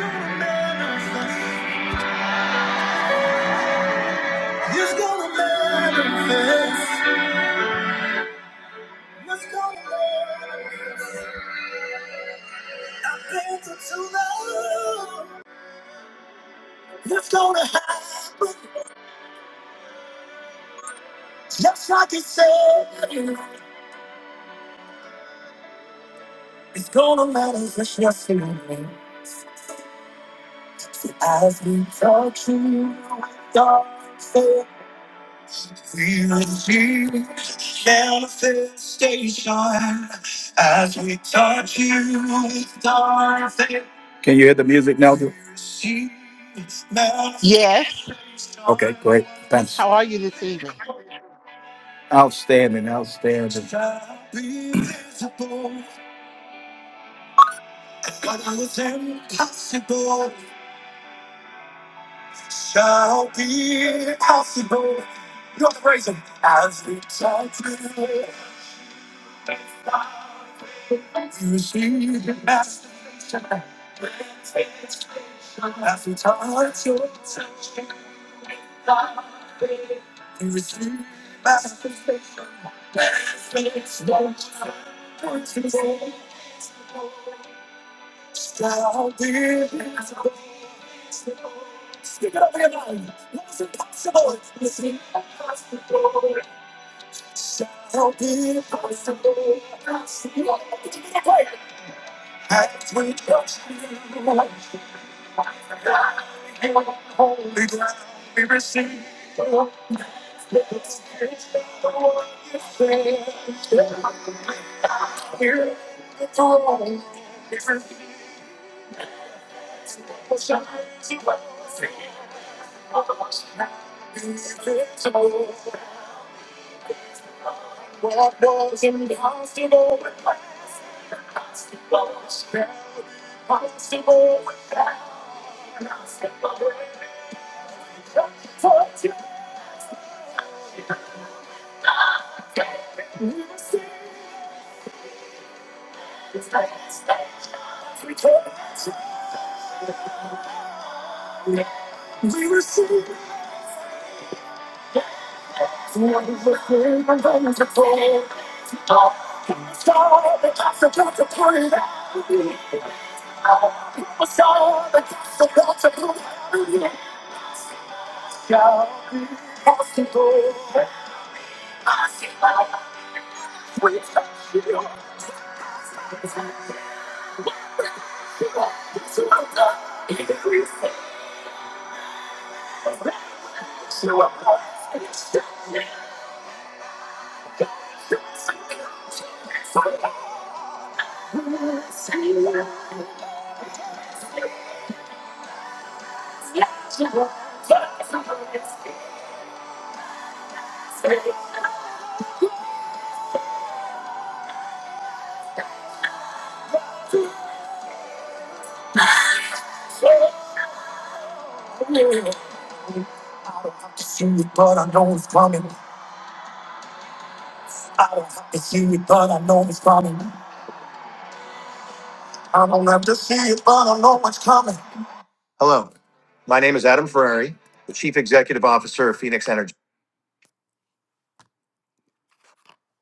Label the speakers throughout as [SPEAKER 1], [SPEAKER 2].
[SPEAKER 1] It's gonna manifest. It's gonna manifest. I've been through too long. It's gonna happen. Just like it said. It's gonna manifest. Yes, it will. As we talk to you, God said. We will see manifestation as we touch you with our faith. Can you hear the music now? Drew? See manifestation.
[SPEAKER 2] Yes.
[SPEAKER 1] Okay, great. Thanks.
[SPEAKER 2] How are you this evening?
[SPEAKER 1] Outstanding, outstanding. Shall be visible. What was impossible shall be possible. You're the As we touch you, you see the master. As we touch you. I don't have to see it, but I know it's coming. I don't have to see it, but I know it's coming. I don't have to see it, but I know it's coming. Hello, my name is Adam Ferrari, the Chief Executive Officer of Phoenix Energy.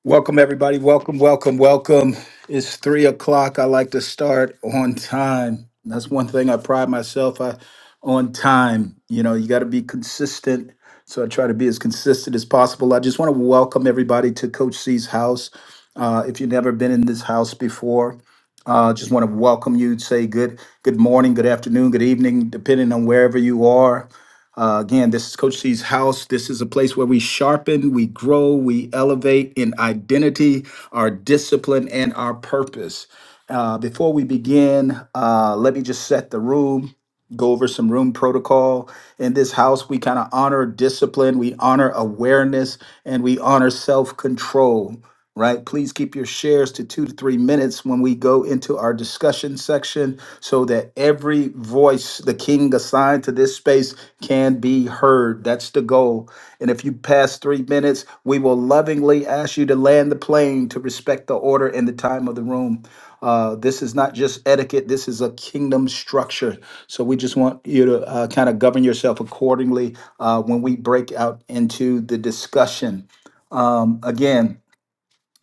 [SPEAKER 1] Welcome, everybody. Welcome, welcome, welcome. It's three o'clock. I like to start on time. That's one thing I pride myself I, on time. You know, you got to be consistent. So I try to be as consistent as possible. I just want to welcome everybody to Coach C's house. Uh, if you've never been in this house before, uh, just want to welcome you. Say good, good morning, good afternoon, good evening, depending on wherever you are. Uh, again, this is Coach C's house. This is a place where we sharpen, we grow, we elevate in identity, our discipline, and our purpose. Uh, before we begin, uh, let me just set the room go over some room protocol. In this house, we kind of honor discipline, we honor awareness, and we honor self control right? Please keep your shares to two to three minutes when we go into our discussion section so that every voice the king assigned to this space can be heard. That's the goal. And if you pass three minutes, we will lovingly ask you to land the plane to respect the order and the time of the room. Uh, this is not just etiquette, this is a kingdom structure. So we just want you to uh, kind of govern yourself accordingly uh, when we break out into the discussion. Um, again,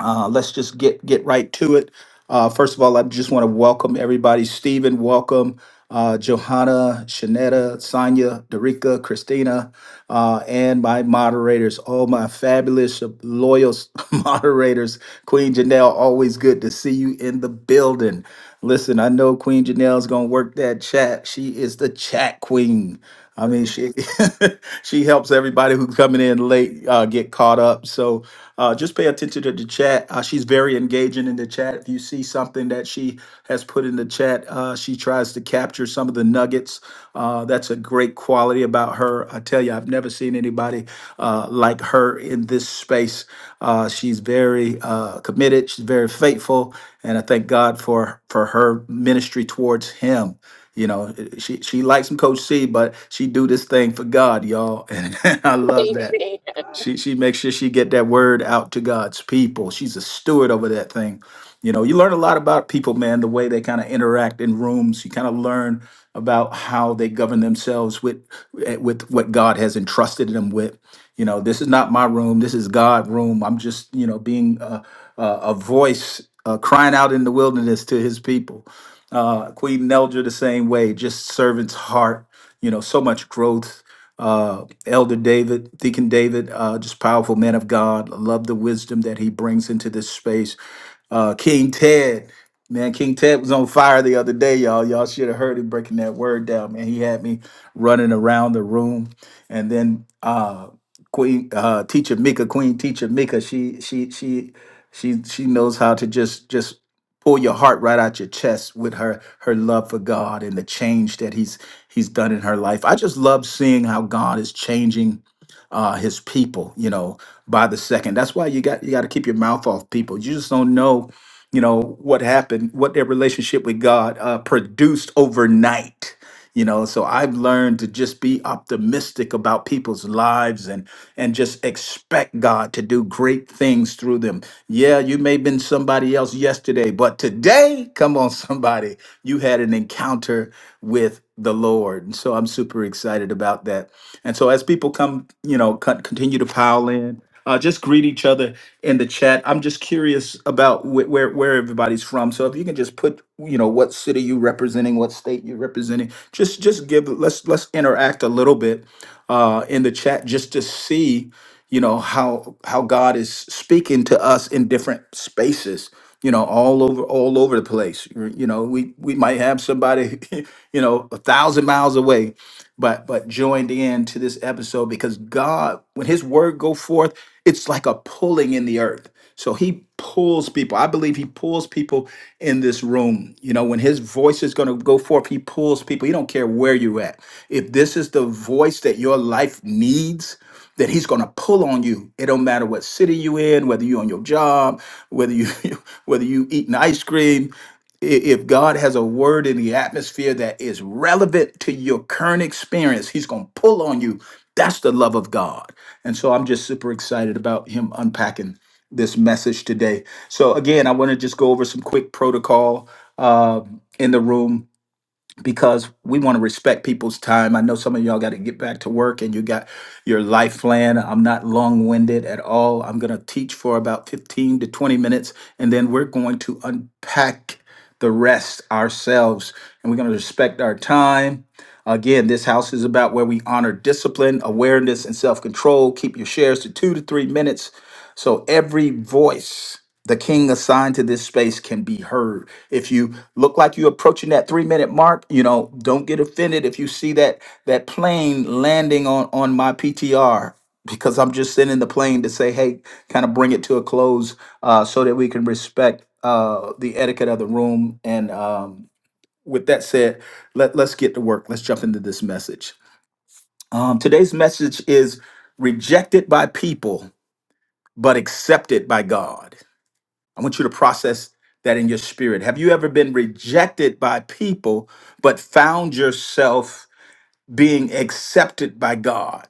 [SPEAKER 1] uh, let's just get get right to it. Uh, first of all, I just want to welcome everybody. Stephen, welcome. Uh, Johanna, Shanetta, Sonia, Derica, Christina, uh, and my moderators, all my fabulous, loyal moderators. Queen Janelle, always good to see you in the building. Listen, I know Queen Janelle's going to work that chat. She is the chat queen. I mean, she she helps everybody who's coming in late uh, get caught up. So uh, just pay attention to the chat. Uh, she's very engaging in the chat. If you see something that she has put in the chat, uh, she tries to capture some of the nuggets. Uh, that's a great quality about her. I tell you, I've never seen anybody uh, like her in this space. Uh, she's very uh, committed. She's very faithful, and I thank God for for her ministry towards him. You know, eh, she she likes some Coach C, but she do this thing for God, y'all, and I love that.
[SPEAKER 3] Amen.
[SPEAKER 1] She she makes sure she get that word out to God's people. She's a steward over that thing. You know, you learn a lot about people, man, the way they kind of interact in rooms. You kind of learn about how they govern themselves with eh, with what God has entrusted them with. You know, this is not my room. This is God' room. I'm just, you know, being a, a, a voice uh, crying out in the wilderness to His people uh, Queen Nelda the same way, just servant's heart, you know, so much growth. Uh, Elder David, Deacon David, uh, just powerful man of God. I Love the wisdom that he brings into this space. Uh, King Ted, man, King Ted was on fire the other day, y'all. Y'all should have heard him breaking that word down, man. He had me running around the room, and then uh, Queen uh, Teacher Mika, Queen Teacher Mika, she she she she she knows how to just just pull your heart right out your chest with her her love for God and the change that he's he's done in her life. I just love seeing how God is changing uh his people, you know, by the second. That's why you got you got to keep your mouth off people. You just don't know, you know, what happened, what their relationship with God uh produced overnight you know so i've learned to just be optimistic about people's lives and and just expect god to do great things through them yeah you may have been somebody else yesterday but today come on somebody you had an encounter with the lord and so i'm super excited about that and so as people come you know con- continue to pile in uh, just greet each other in the chat. I'm just curious about wh- where where everybody's from. So if you can just put, you know, what city you representing, what state you representing, just just give. Let's let's interact a little bit uh, in the chat just to see, you know, how how God is speaking to us in different spaces. You know, all over all over the place. You know, we we might have somebody, you know, a thousand miles away but but joined in to this episode because God, when His word go forth, it's like a pulling in the earth. So He pulls people. I believe He pulls people in this room. You know, when His voice is going to go forth, He pulls people. He don't care where you're at. If this is the voice that your life needs that he's going to pull on you. It don't matter what city you in, whether you're on your job, whether you whether you eating ice cream. I- If God has a word in the atmosphere that is relevant to your current experience, he's going to pull on you. That's the love of God. And so I'm just super excited about him unpacking this message today. So again, I want to just go over some quick protocol uh, in the room because we want to respect people's time. I know some of y'all got to get back to work and you got your life plan. I'm not long winded at all. I'm going to teach for about 15 to 20 minutes and then we're going to unpack the rest ourselves and we're going to respect our time. Again, this house is about where we honor discipline, awareness, and self control. Keep your shares to two to three minutes so every voice the king assigned to this space can be heard. If you look like you're approaching that three minute mark, you know, don't get offended if you see that that plane landing on on my PTR because I'm just sending the plane to say, hey, kind of bring it to a close uh, so that we can respect uh, the etiquette of the room. And um, with that said, let, let's get to work. Let's jump into this message. Um, today's message is rejected by people, but accepted by God. I want you to process that in your spirit. Have you ever been rejected by people, but found yourself being accepted by God?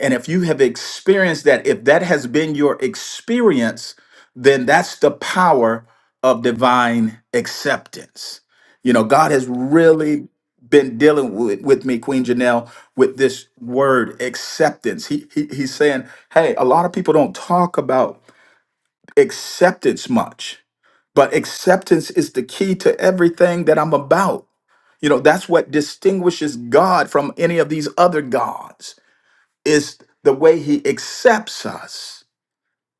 [SPEAKER 1] And if you have experienced that, if that has been your experience, then that's the power of divine acceptance. You know, God has really been dealing with, with me, Queen Janelle, with this word acceptance. He, he he's saying, hey, a lot of people don't talk about acceptance much but acceptance is the key to everything that I'm about. You know, that's what distinguishes God from any of these other gods is the way he accepts us,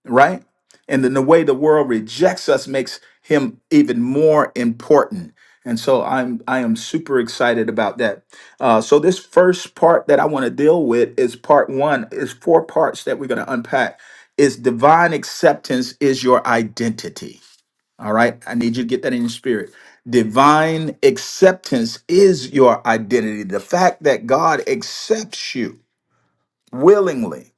[SPEAKER 1] right? And then the way the world rejects us makes him even more important. And so I'm I am super excited about that. Uh, so this first part that I want to deal with is part one. Is four parts that we're going to unpack. Is divine acceptance is your identity all right. I need you to get that in your spirit. Divine acceptance is your identity. The fact that God accepts you willingly,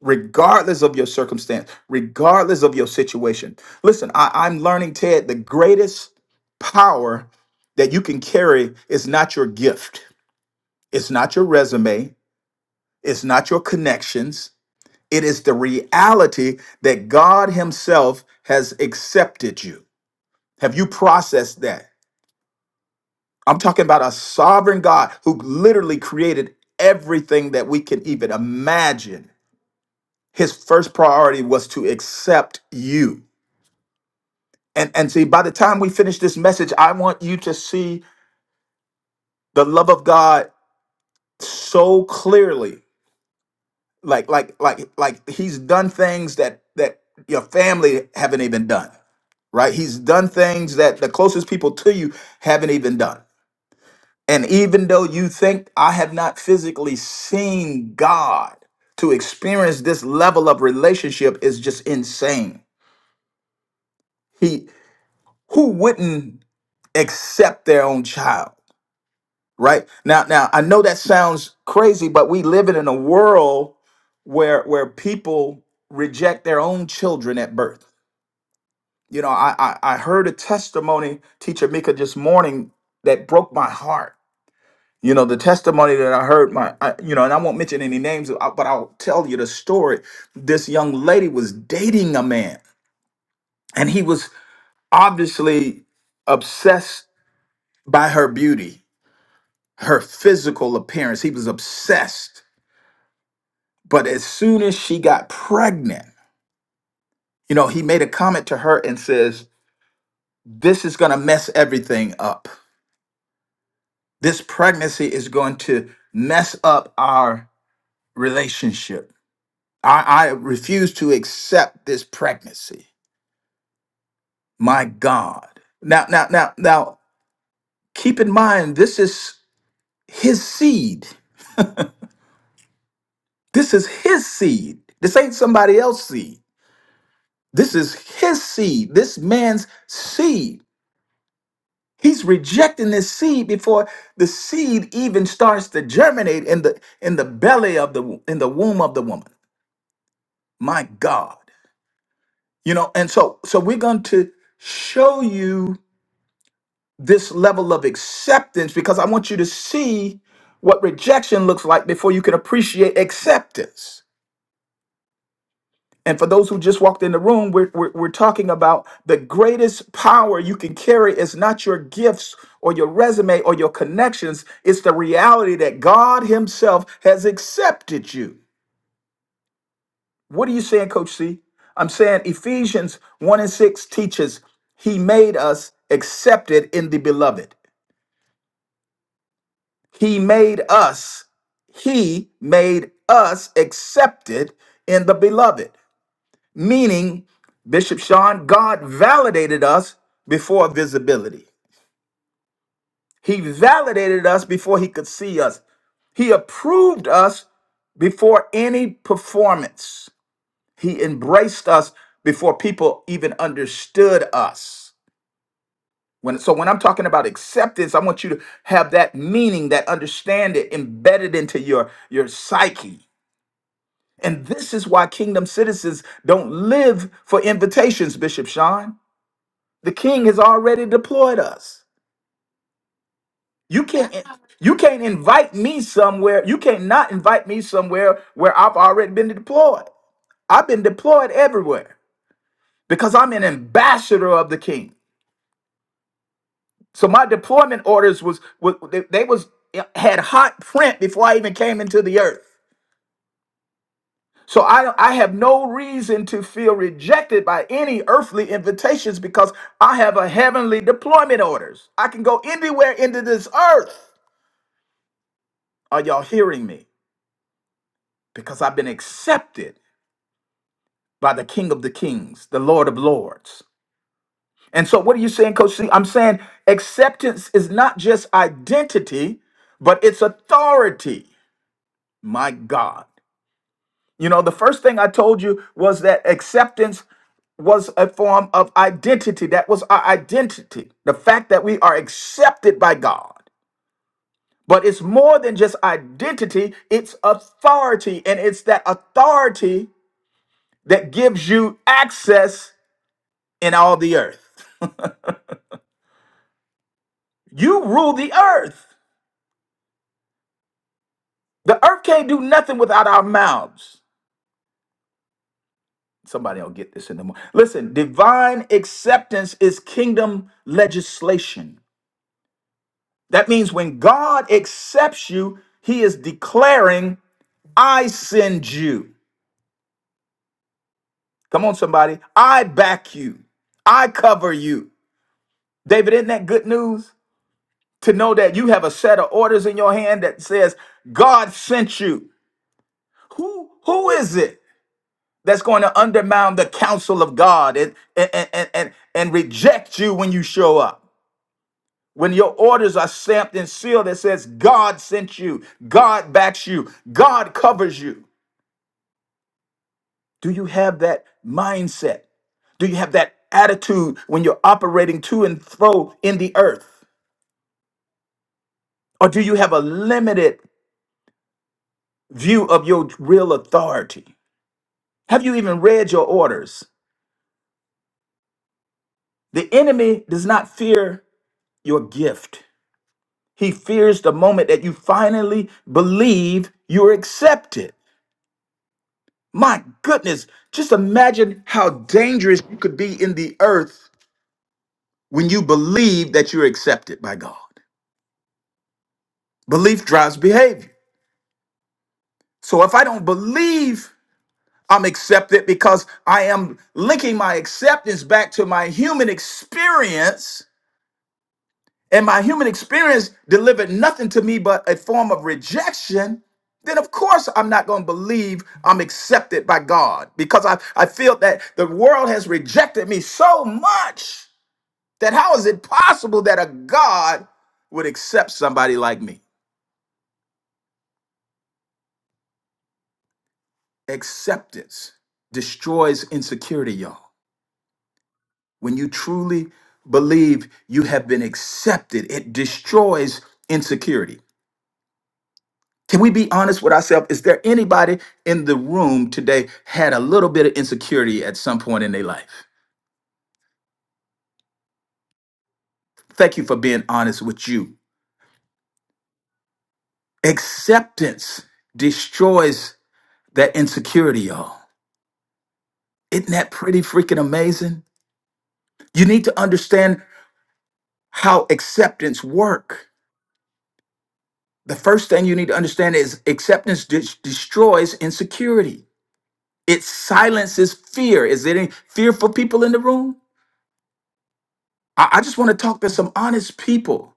[SPEAKER 1] regardless of your circumstance, regardless of your situation. Listen, I, I'm learning, Ted, the greatest power that you can carry is not your gift, it's not your resume, it's not your connections. It is the reality that God Himself has accepted you. Have you processed that? I'm talking about a sovereign God who literally created everything that we can even imagine. His first priority was to accept you. And and see by the time we finish this message, I want you to see the love of God so clearly. Like like like like he's done things that that your family haven't even done, right? He's done things that the closest people to you haven't even done And even though you think I have not physically seen God, to experience this level of relationship is just insane. He who wouldn't accept their own child, right? Now now I know that sounds crazy, but we live in a world where where people reject their own children at birth. You know, I I, I heard a testimony teacher Mika this morning that broke my heart You know, the testimony that I heard, my, I, you know, and I won't mention any names, uh, but I'll tell you the story. This young lady was dating a man, and he was obviously obsessed by her beauty, her physical appearance. He was obsessed. But as soon as she got pregnant, you know, he made a comment to her and says, This is going to mess everything up. This pregnancy is going to mess up our relationship I, I refuse to accept this pregnancy. My God. Now, now, now, now, keep in mind, this is his seed. This is his seed. This ain't somebody else's seed. This is his seed, this man's seed. He's rejecting this seed before the seed even starts to germinate in the in the belly of the in the womb of the woman. My God. You know, and so so we're going to show you this level of acceptance because I want you to see what rejection looks like before you can appreciate acceptance. And for those who just walked in the room, we're, we're, we're talking about the greatest power you can carry is not your gifts or your resume or your connections. It's the reality that God Himself has accepted you. What are you saying, Coach C? I'm saying Ephesians 1 and 6 teaches He made us accepted in the beloved. He made us, he made us accepted in the beloved. Meaning, Bishop Sean, God validated us before visibility. He validated us before he could see us. He approved us before any performance. He embraced us before people even understood us. When, so when I'm talking about acceptance, I want you to have that meaning, that understand it embedded into your, your psyche. And this is why kingdom citizens don't live for invitations, Bishop Sean. The king has already deployed us. You can't you can't invite me somewhere. You can't not invite me somewhere where I've already been deployed. I've been deployed everywhere because I'm an ambassador of the king. So my deployment orders was, was they, they was had hot print before I even came into the earth. So I, I have no reason to feel rejected by any earthly invitations because I have a heavenly deployment orders. I can go anywhere into this earth. Are y'all hearing me? Because I've been accepted by the King of the Kings, the Lord of Lords. And so what are you saying, Coach C? I'm saying acceptance is not just identity, but it's authority. My God. You know, the first thing I told you was that acceptance was a form of identity. That was our identity. The fact that we are accepted by God. But it's more than just identity, it's authority. And it's that authority that gives you access in all the earth. You rule the earth. The earth can't do nothing without our mouths. Somebody will get this in the morning. Listen, divine acceptance is kingdom legislation. That means when God accepts you, he is declaring I send you. Come on, somebody. I back you. I cover you. David, isn't that good news? To know that you have a set of orders in your hand that says, God sent you. Who who is it that's going to undermine the counsel of God and and and and, and reject you when you show up? When your orders are stamped and sealed, that says God sent you, God backs you, God covers you. Do you have that mindset? Do you have that attitude when you're operating to and fro in the earth? Or do you have a limited view of your real authority? Have you even read your orders? The enemy does not fear your gift. He fears the moment that you finally believe you're accepted. My goodness, just imagine how dangerous you could be in the earth when you believe that you're accepted by God. Belief drives behavior. So if I don't believe I'm accepted because I am linking my acceptance back to my human experience, and my human experience delivered nothing to me but a form of rejection, then of course I'm not going to believe I'm accepted by God because I, I feel that the world has rejected me so much that how is it possible that a God would accept somebody like me? Acceptance destroys insecurity, y'all. When you truly believe you have been accepted, it destroys insecurity. Can we be honest with ourselves? Is there anybody in the room today had a little bit of insecurity at some point in their life? Thank you for being honest with you. Acceptance destroys that insecurity, y'all. Isn't that pretty freaking amazing? You need to understand how acceptance work. The first thing you need to understand is acceptance de- destroys insecurity. It silences fear. Is there any fearful people in the room? I, I just want to talk to some honest people.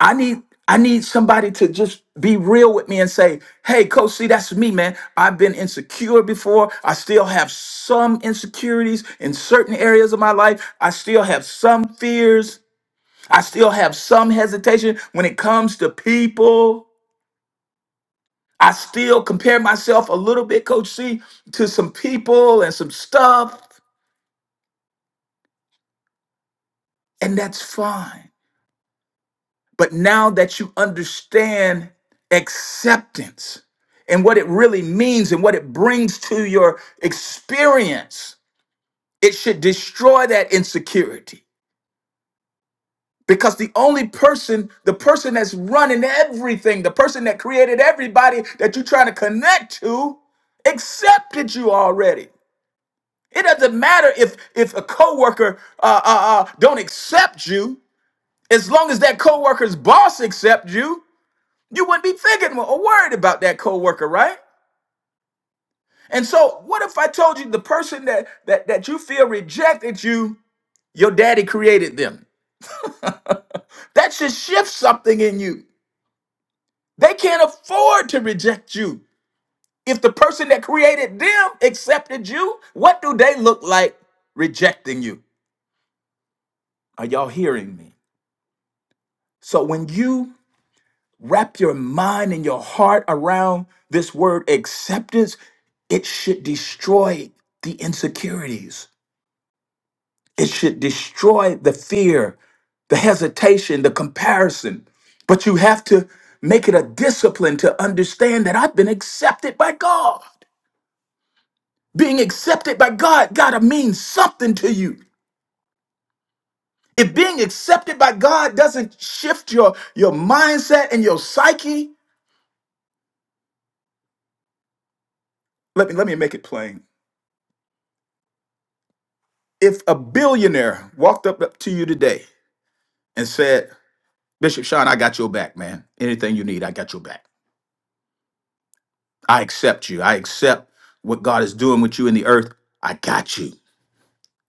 [SPEAKER 1] I need I need somebody to just be real with me and say, hey, Coach C, that's me, man. I've been insecure before. I still have some insecurities in certain areas of my life. I still have some fears. I still have some hesitation when it comes to people. I still compare myself a little bit, Coach C, to some people and some stuff, and that's fine. But now that you understand acceptance and what it really means and what it brings to your experience, it should destroy that insecurity. Because the only person, the person that's running everything, the person that created everybody that you're trying to connect to, accepted you already. It doesn't matter if if a coworker uh, uh, uh, don't accept you, as long as that coworker's boss accepts you. you wouldn't be thinking or worried about that coworker, right? And so, what if I told you the person that that that you feel rejected you, your daddy created them? That should shift something in you. They can't afford to reject you. If the person that created them accepted you, what do they look like rejecting you? Are y'all hearing me? So when you wrap your mind and your heart around this word acceptance, it should destroy the insecurities. It should destroy the fear, the hesitation, the comparison. But you have to make it a discipline to understand that I've been accepted by God. Being accepted by God gotta mean something to you. If being accepted by God doesn't shift your, your mindset and your psyche, let me let me make it plain. If a billionaire walked up up to you today and said, Bishop Sean, I got your back, man. Anything you need, I got your back. I accept you. I accept what God is doing with you in the earth. I got you.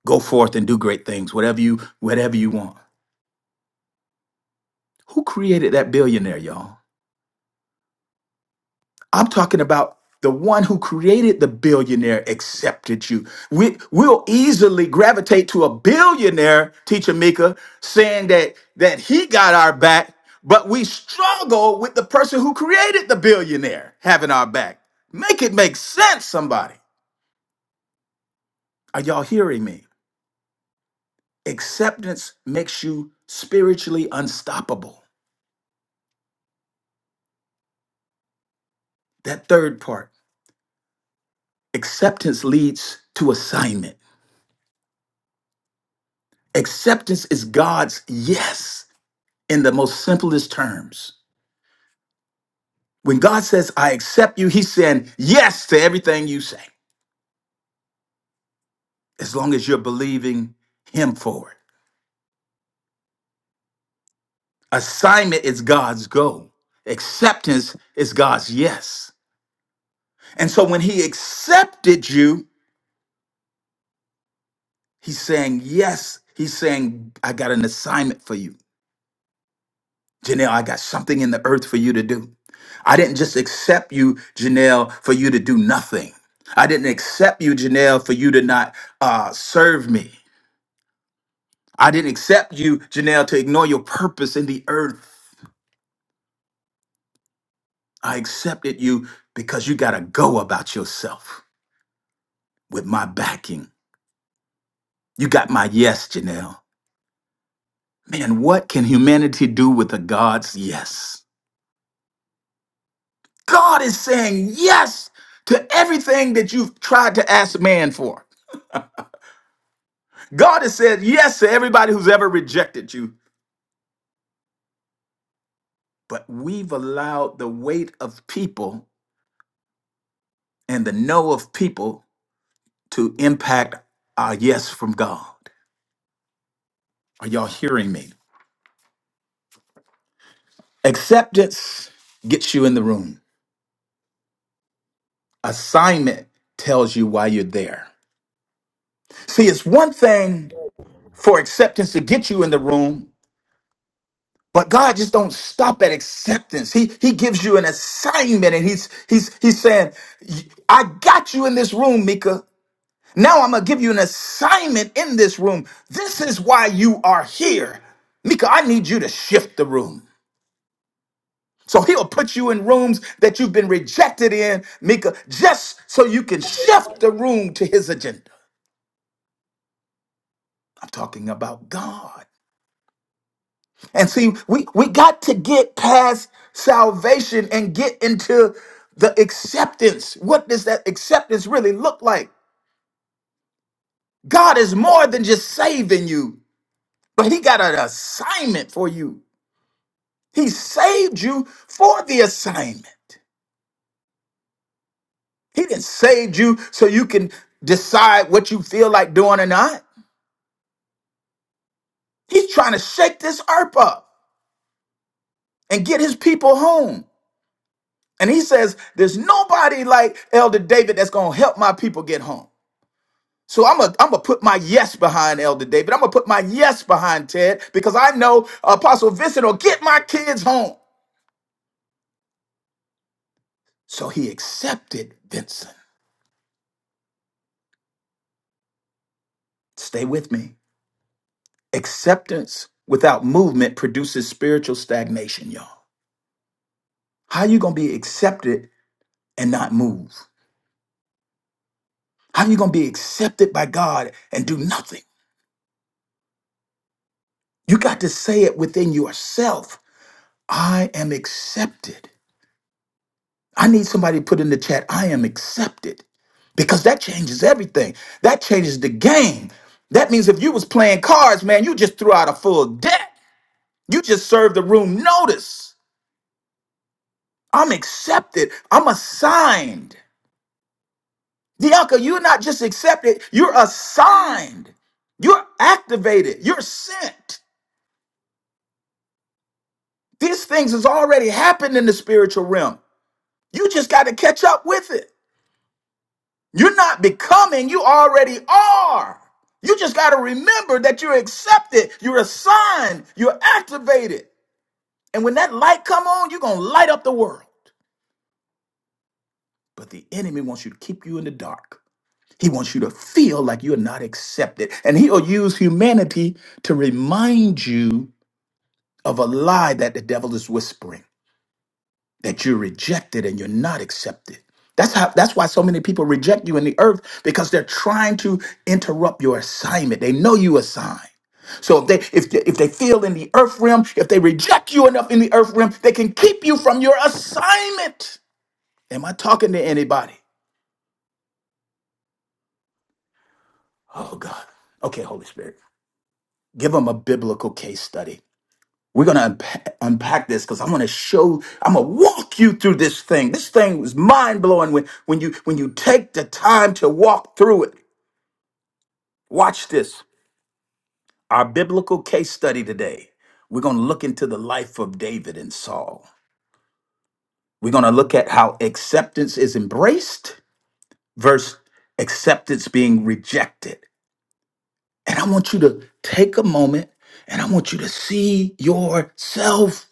[SPEAKER 1] Go forth and do great things, whatever you, whatever you want. Who created that billionaire, y'all? I'm talking about the one who created the billionaire accepted you. We, we'll easily gravitate to a billionaire, teacher Mika, saying that that he got our back, but we struggle with the person who created the billionaire having our back. Make it make sense, somebody. Are y'all hearing me? Acceptance makes you spiritually unstoppable. That third part, acceptance leads to assignment. Acceptance is God's yes in the most simplest terms. When God says, I accept you, he's saying yes to everything you say, as long as you're believing him for it. Assignment is God's go, acceptance is God's yes. And so when he accepted you, he's saying yes. He's saying, I got an assignment for you. Janelle, I got something in the earth for you to do. I didn't just accept you, Janelle, for you to do nothing. I didn't accept you, Janelle, for you to not uh, serve me. I didn't accept you, Janelle, to ignore your purpose in the earth. I accepted you because you got to go about yourself with my backing. You got my yes, Janelle. Man, what can humanity do with a God's yes? God is saying yes to everything that you've tried to ask man for. God has said yes to everybody who's ever rejected you. But we've allowed the weight of people and the no of people to impact our yes from God. Are y'all hearing me? Acceptance gets you in the room. Assignment tells you why you're there. See, it's one thing for acceptance to get you in the room, but God just don't stop at acceptance. He he gives you an assignment and he's he's he's saying, "I got you in this room, Mika. Now I'm going to give you an assignment in this room. This is why you are here." Mika, I need you to shift the room. So he'll put you in rooms that you've been rejected in, Mika, just so you can shift the room to his agenda. I'm talking about God. And see, we, we got to get past salvation and get into the acceptance. What does that acceptance really look like? God is more than just saving you, but he got an assignment for you. He saved you for the assignment. He didn't save you so you can decide what you feel like doing or not. He's trying to shake this earth up and get his people home. And he says, There's nobody like Elder David that's going to help my people get home. So I'm going I'm to put my yes behind Elder David. I'm going to put my yes behind Ted because I know Apostle Vincent will get my kids home. So he accepted Vincent. Stay with me. Acceptance without movement produces spiritual stagnation, y'all. How you going to be accepted and not move? How you going to be accepted by God and do nothing? You got to say it within yourself. I am accepted. I need somebody to put in the chat, I am accepted. Because that changes everything. That changes the game. That means if you was playing cards, man, you just threw out a full deck. You just served the room notice. I'm accepted. I'm assigned. Dianca, you're not just accepted, you're assigned. You're activated. You're sent. These things has already happened in the spiritual realm. You just got to catch up with it. You're not becoming, you already are. You just got to remember that you're accepted, you're assigned, you're activated. And when that light come on, you're going to light up the world. But the enemy wants you to keep you in the dark. He wants you to feel like you're not accepted. And he'll use humanity to remind you of a lie that the devil is whispering. that you're rejected and you're not accepted. That's how that's why so many people reject you in the earth because they're trying to interrupt your assignment. They know you assigned. So if they if they, if they feel in the earth realm, if they reject you enough in the earth realm, they can keep you from your assignment. Am I talking to anybody? Oh God. Okay, Holy Spirit. Give them a biblical case study. We're going to unpack, unpack this because I'm going to show, I'm going to walk you through this thing. This thing was mind blowing when, when you, when you take the time to walk through it. Watch this. Our biblical case study today. We're going to look into the life of David and Saul. We're going to look at how acceptance is embraced versus acceptance being rejected. And I want you to take a moment and I want you to see yourself.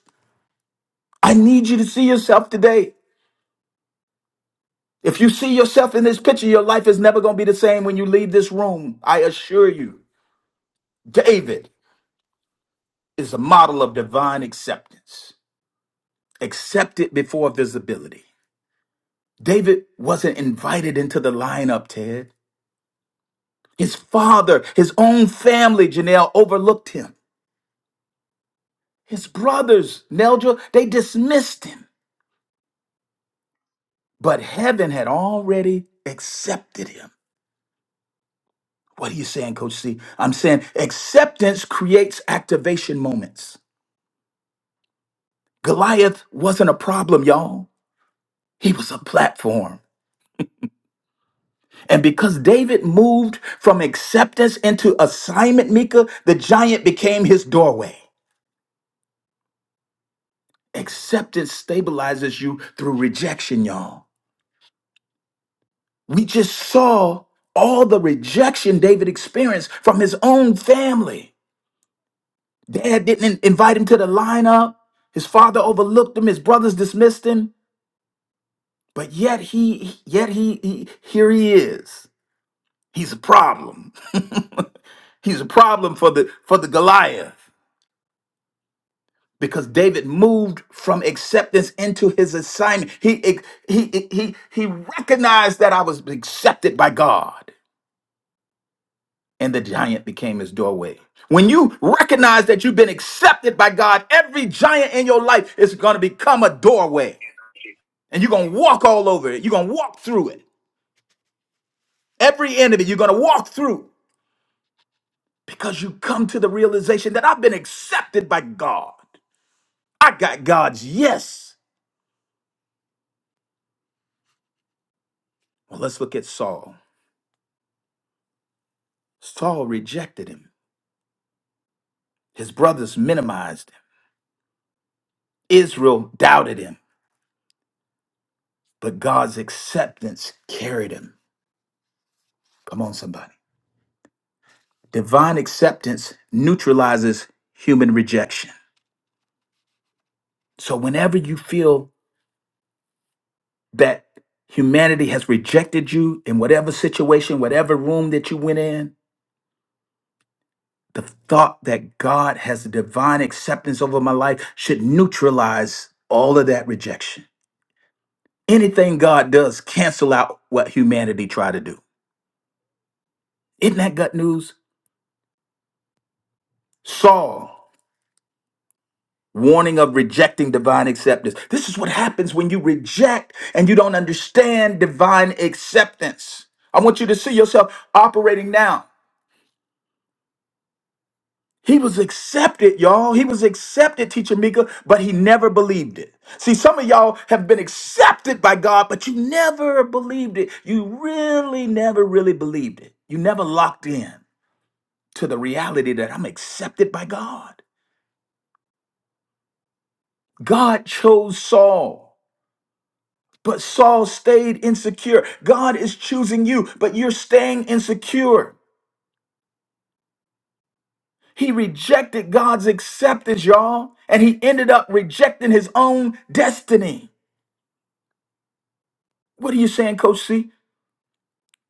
[SPEAKER 1] I need you to see yourself today. If you see yourself in this picture, your life is never going to be the same when you leave this room. I assure you, David is a model of divine acceptance, accepted before visibility. David wasn't invited into the lineup, Ted. His father, his own family, Janelle, overlooked him. His brothers, Neldra, they dismissed him. But heaven had already accepted him. What are you saying, Coach C? I'm saying acceptance creates activation moments. Goliath wasn't a problem, y'all. He was a platform. And because David moved from acceptance into assignment, Mika, the giant became his doorway. Acceptance stabilizes you through rejection, y'all. We just saw all the rejection David experienced from his own family. Dad didn't invite him to the lineup. His father overlooked him. His brothers dismissed him. But yet he, yet he, he here he is. He's a problem. He's a problem for the for the Goliath because David moved from acceptance into his assignment. He he he he recognized that I was accepted by God, and the giant became his doorway. When you recognize that you've been accepted by God, every giant in your life is going to become a doorway, and you're going to walk all over it. You're going to walk through it. Every enemy you're going to walk through because you come to the realization that I've been accepted by God. I got God's yes. Well, let's look at Saul. Saul rejected him, his brothers minimized him, Israel doubted him, but God's acceptance carried him. Come on, somebody. Divine acceptance neutralizes human rejection. So, whenever you feel that humanity has rejected you in whatever situation, whatever room that you went in, the thought that God has divine acceptance over my life should neutralize all of that rejection. Anything God does cancel out what humanity tried to do. Isn't that gut news? Saul, warning of rejecting divine acceptance. This is what happens when you reject and you don't understand divine acceptance. I want you to see yourself operating now. He was accepted, y'all. He was accepted, Teacher Mika, but he never believed it. See, some of y'all have been accepted by God, but you never believed it. You really never really believed it. You never locked in. to the reality that I'm accepted by God. God chose Saul, but Saul stayed insecure. God is choosing you, but you're staying insecure. He rejected God's acceptance, y'all, and he ended up rejecting his own destiny. What are you saying, Coach C?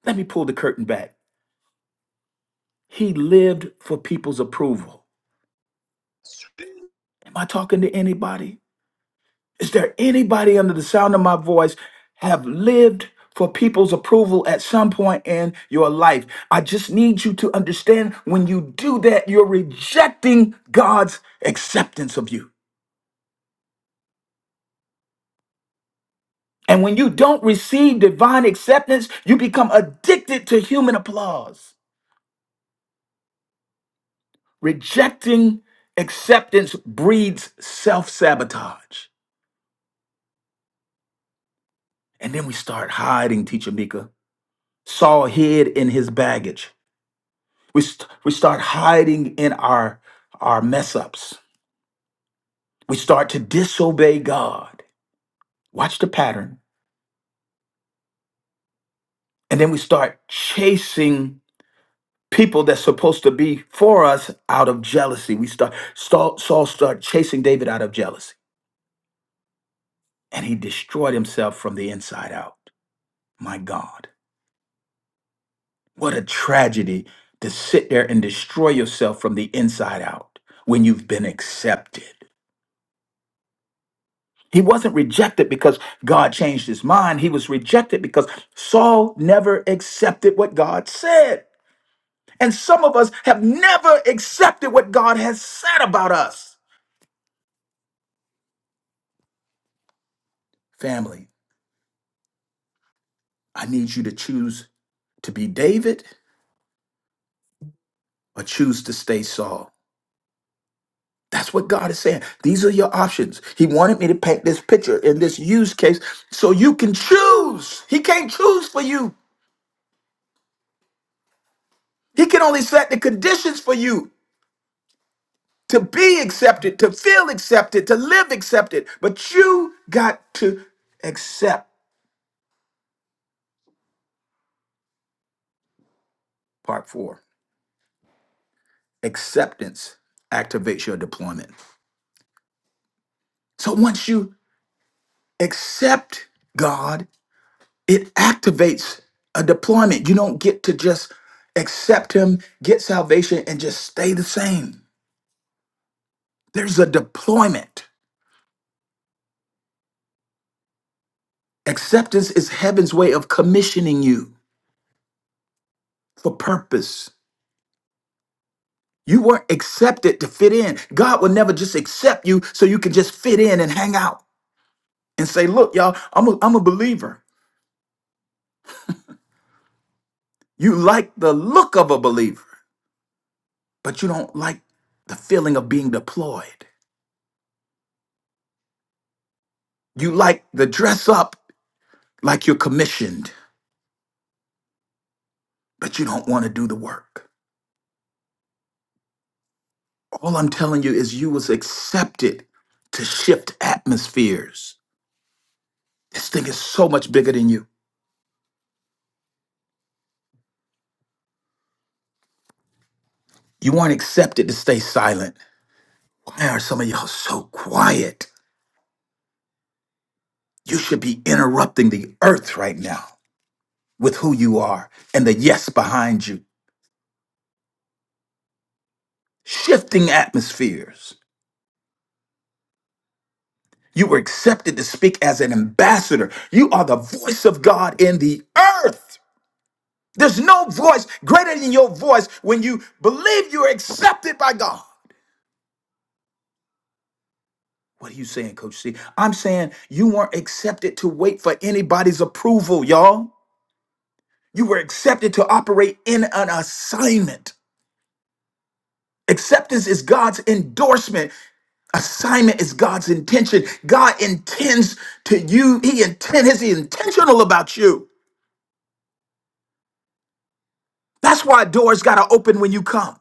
[SPEAKER 1] Let me pull the curtain back. He lived for people's approval. Am I talking to anybody? Is there anybody under the sound of my voice have lived for people's approval at some point in your life? I just need you to understand when you do that, you're rejecting God's acceptance of you. And when you don't receive divine acceptance, you become addicted to human applause. Rejecting acceptance breeds self sabotage. And then we start hiding, Teacher Mika. Saul hid in his baggage. We, st- we start hiding in our, our mess ups. We start to disobey God. Watch the pattern. And then we start chasing people that's supposed to be for us out of jealousy. We start Saul, Saul started chasing David out of jealousy, and he destroyed himself from the inside out. My God, what a tragedy to sit there and destroy yourself from the inside out when you've been accepted. He wasn't rejected because God changed his mind. He was rejected because Saul never accepted what God said. And some of us have never accepted what God has said about us. Family, I need you to choose to be David or choose to stay Saul. That's what God is saying. These are your options. He wanted me to paint this picture in this use case so you can choose. He can't choose for you, He can only set the conditions for you. to be accepted, to feel accepted, to live accepted. But you got to accept. Part four acceptance activates your deployment. So once you accept God, it activates a deployment. You don't get to just accept Him, get salvation, and just stay the same. There's a deployment. Acceptance is heaven's way of commissioning you for purpose. You weren't accepted to fit in. God will never just accept you so you can just fit in and hang out and say, Look, y'all, I'm a, I'm a believer. You like the look of a believer, but you don't like the feeling of being deployed. You like the dress up like you're commissioned, but you don't want to do the work. All I'm telling you is you was accepted to shift atmospheres. This thing is so much bigger than you. You weren't accepted to stay silent. Why are some of y'all so quiet? You should be interrupting the earth right now with who you are and the yes behind you, shifting atmospheres. You were accepted to speak as an ambassador. You are the voice of God in the earth. There's no voice greater than your voice when you believe you're accepted by God. What are you saying, Coach C? I'm saying you weren't accepted to wait for anybody's approval, y'all. You were accepted to operate in an assignment. Acceptance is God's endorsement Assignment is God's intention. God intends to you. He intend is he intentional about you. That's why doors gotta open when you come.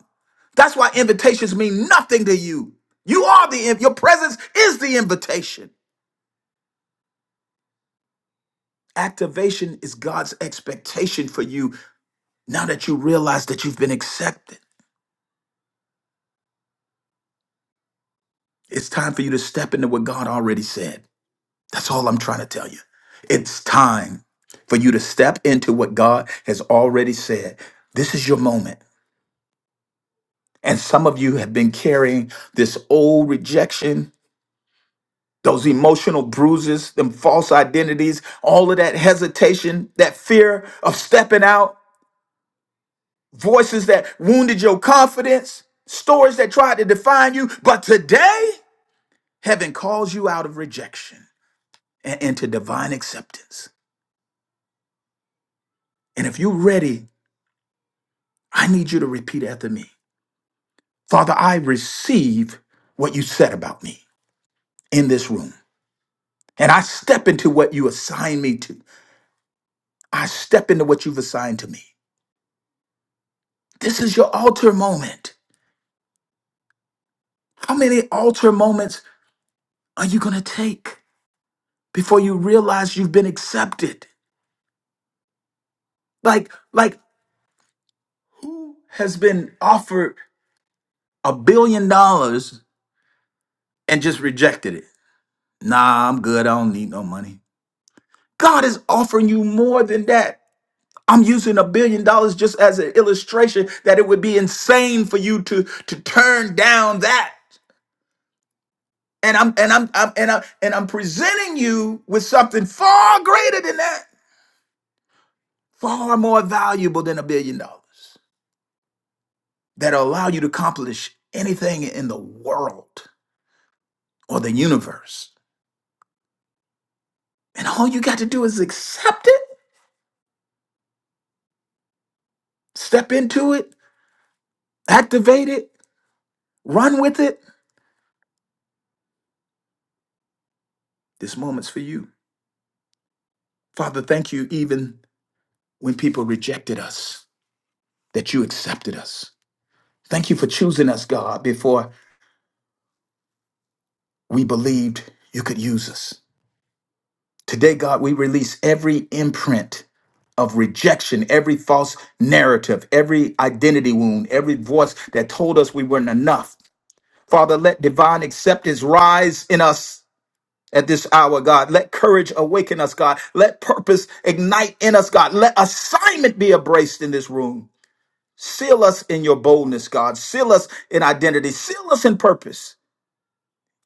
[SPEAKER 1] That's why invitations mean nothing to you. You are the your presence is the invitation. Activation is God's expectation for you now that you realize that you've been accepted. It's time for you to step into what God already said. That's all I'm trying to tell you. It's time for you to step into what God has already said. This is your moment. And some of you have been carrying this old rejection, those emotional bruises, them false identities, all of that hesitation, that fear of stepping out, voices that wounded your confidence, stories that tried to define you. But today, heaven calls you out of rejection and into divine acceptance. And if you're ready, I need you to repeat after me Father, I receive what you said about me in this room. And I step into what you assign me to. I step into what you've assigned to me. This is your altar moment. How many altar moments are you going to take before you realize you've been accepted? Like, like who has been offered a billion dollars and just rejected it? Nah, I'm good. I don't need no money. God is offering you more than that. I'm using a billion dollars just as an illustration that it would be insane for you to, to turn down that. And I'm and I'm, I'm and I'm and I'm presenting you with something far greater than that, far more valuable than a billion dollars that'll allow you to accomplish anything in the world or the universe. And all you got to do is accept it, step into it, activate it, run with it. This moment's for you. Father, thank you even when people rejected us, that you accepted us. Thank you for choosing us, God, before we believed you could use us. Today, God, we release every imprint of rejection, every false narrative, every identity wound, every voice that told us we weren't enough. Father, let divine acceptance rise in us at this hour, God. Let courage awaken us, God. Let purpose ignite in us, God. Let assignment be embraced in this room. Seal us in your boldness, God. Seal us in identity. Seal us in purpose.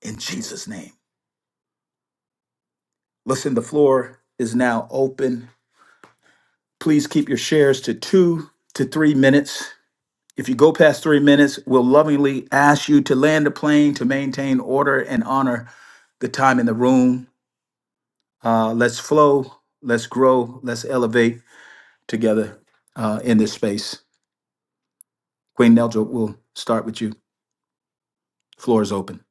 [SPEAKER 1] In Jesus' name. Listen, the floor is now open Please keep your shares to two to three minutes. If you go past three minutes, we'll lovingly ask you to land the plane to maintain order and honor the time in the room. Uh, let's flow, let's grow, let's elevate together uh, in this space. Queen Neldra, we'll start with you. Floor is open.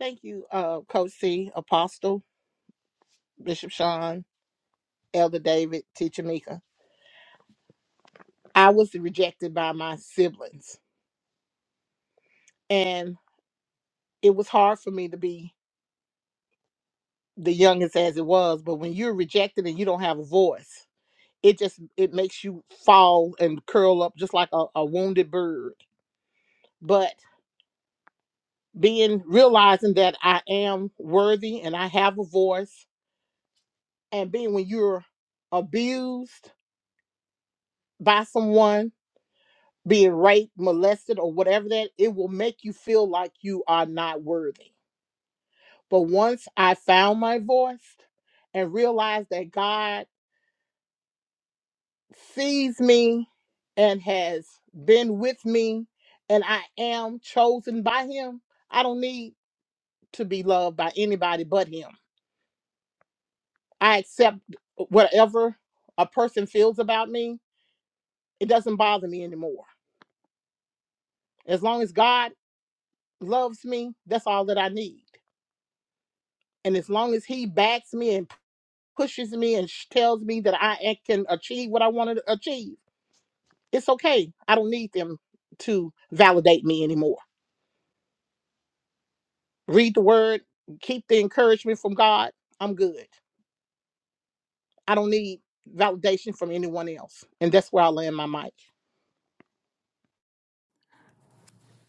[SPEAKER 2] Thank you, uh, Coach C, Apostle, Bishop Sean, Elder David, Teacher Mika. I was rejected by my siblings, and it was hard for me to be the youngest as it was. But when you're rejected and you don't have a voice, it just it makes you fall and curl up just like a, a wounded bird. But being realizing that I am worthy and I have a voice, and being when you're abused by someone being raped, molested, or whatever that, it will make you feel like you are not worthy. But once I found my voice and realized that God sees me and has been with me, and I am chosen by Him, I don't need to be loved by anybody but Him. I accept whatever a person feels about me, it doesn't bother me anymore. As long as God loves me, that's all that I need. And as long as He backs me and pushes me and sh- tells me that I a- can achieve what I want to achieve. It's okay. I don't need them to validate me anymore. Read the word, keep the encouragement from God. I'm good. I don't need validation from anyone else. And that's where I land my mic.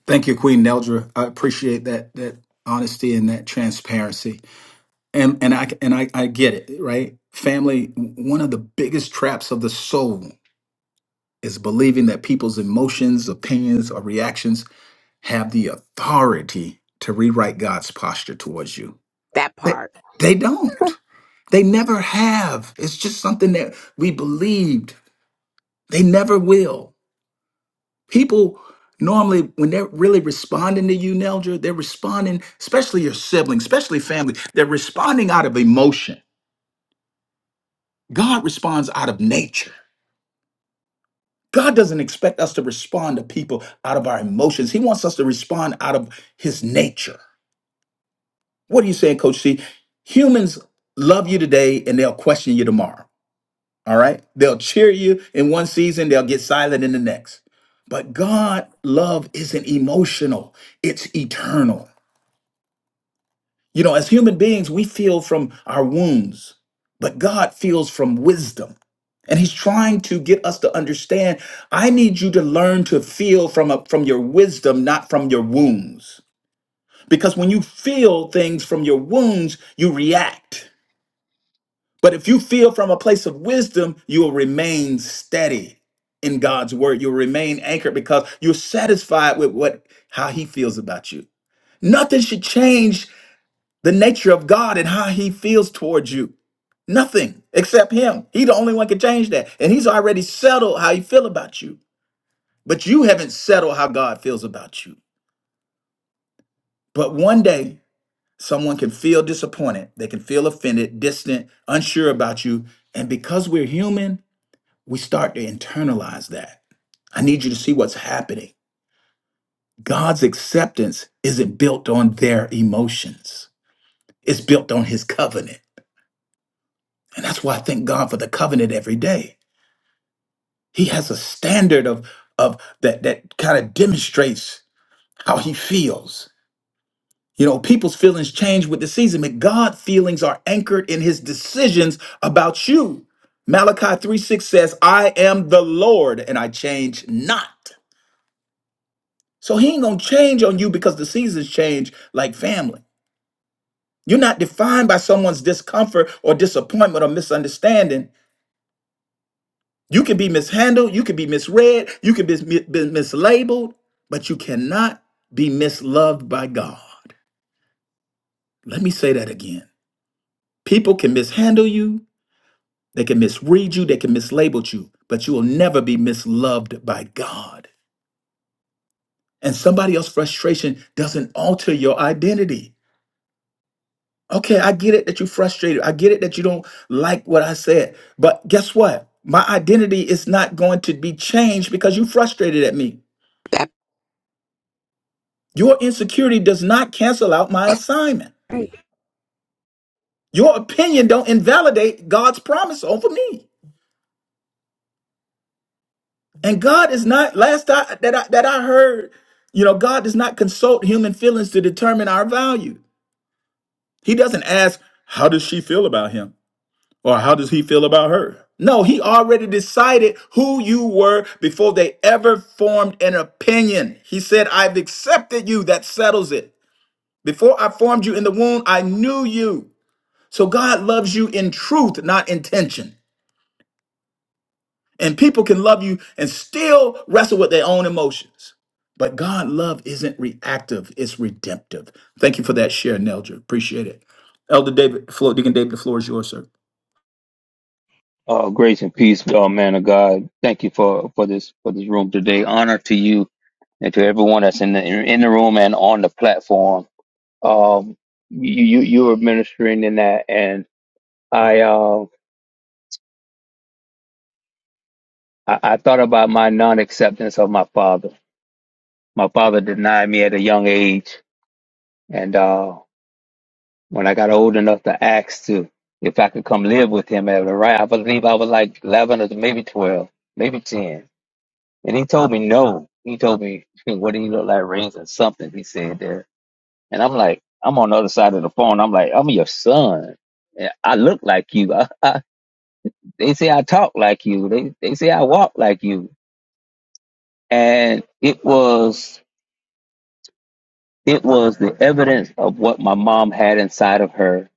[SPEAKER 1] Thank you, Queen Neldra. I appreciate that that honesty and that transparency. And and I and I, I get it, right? Family, one of the biggest traps of the soul is believing that people's emotions, opinions, or reactions have the authority to rewrite God's posture towards you. They, they don't. They never have. It's just something that we believed. They never will. People normally, when they're really responding to you, Nelger, they're responding, especially your siblings, especially family, they're responding out of emotion. God responds out of nature. God doesn't expect us to respond to people out of our emotions. He wants us to respond out of his nature. What are you saying, Coach C? Humans love you today and they'll question you tomorrow. All right? They'll cheer you in one season, they'll get silent in the next. But God love isn't emotional, it's eternal. You know, as human beings, we feel from our wounds, but God feels from wisdom. And he's trying to get us to understand, I need you to learn to feel from a, from your wisdom, not from your wounds. Because when you feel things from your wounds, you react. But if you feel from a place of wisdom, you will remain steady in God's word. You'll remain anchored because you're satisfied with what how he feels about you. Nothing should change the nature of God and how he feels towards you. Nothing except him. He the only one can change that. And he's already settled how he feel about you. But you haven't settled how God feels about you. But one day someone can feel disappointed. They can feel offended, distant, unsure about you. And because we're human, we start to internalize that. I need you to see what's happening. God's acceptance isn't built on their emotions. It's built on his covenant. And that's why I thank God for the covenant every day He has a standard of of that that kind of demonstrates how he feels. You know, people's feelings change with the season, but God's feelings are anchored in his decisions about you. Malachi 3 6 says, I am the Lord and I change not. So he ain't gonna change on you because the seasons change like family. You're not defined by someone's discomfort or disappointment or misunderstanding. You can be mishandled, you can be misread, you can be, mi- be mislabeled, but you cannot be misloved by God. Let me say that again. People can mishandle you, they can misread you, they can mislabel you, but you will never be misloved by God. And somebody else's frustration doesn't alter your identity. Okay, I get it that you're frustrated. I get it that you don't like what I said. But guess what? My identity is not going to be changed because you're frustrated at me. Your insecurity does not cancel out my assignment. Your opinion don't invalidate God's promise over me. And God is not last I, that I, that I heard, you know, God does not consult human feelings to determine our value. He doesn't ask how does she feel about him or how does he feel about her. No, he already decided who you were before they ever formed an opinion. He said, "I've accepted you. That settles it. Before I formed you in the womb, I knew you." So God loves you in truth, not intention. And people can love you and still wrestle with their own emotions. But God love isn't reactive, it's redemptive. Thank you for that share, Neldra. Appreciate it. Elder David, floor, Deacon David, the floor is yours, sir.
[SPEAKER 4] Uh, grace and peace, uh, man of God. Thank you for, for this for this room today. Honor to you and to everyone that's in the in the room and on the platform. Um, you you you are ministering in that, and I uh I, I thought about my non acceptance of my father. My father denied me at a young age, and uh, when I got old enough to ask to if I could come live with him at the right, I believe I was like eleven or maybe twelve, maybe ten And he told me no. He told me, what do you look like, rings or something? He said there. And I'm like, I'm on the other side of the phone. I'm like, I'm your son. And I look like you. I, I, they say I talk like you. They they say I walk like you. And it was it was the evidence of what my mom had inside of her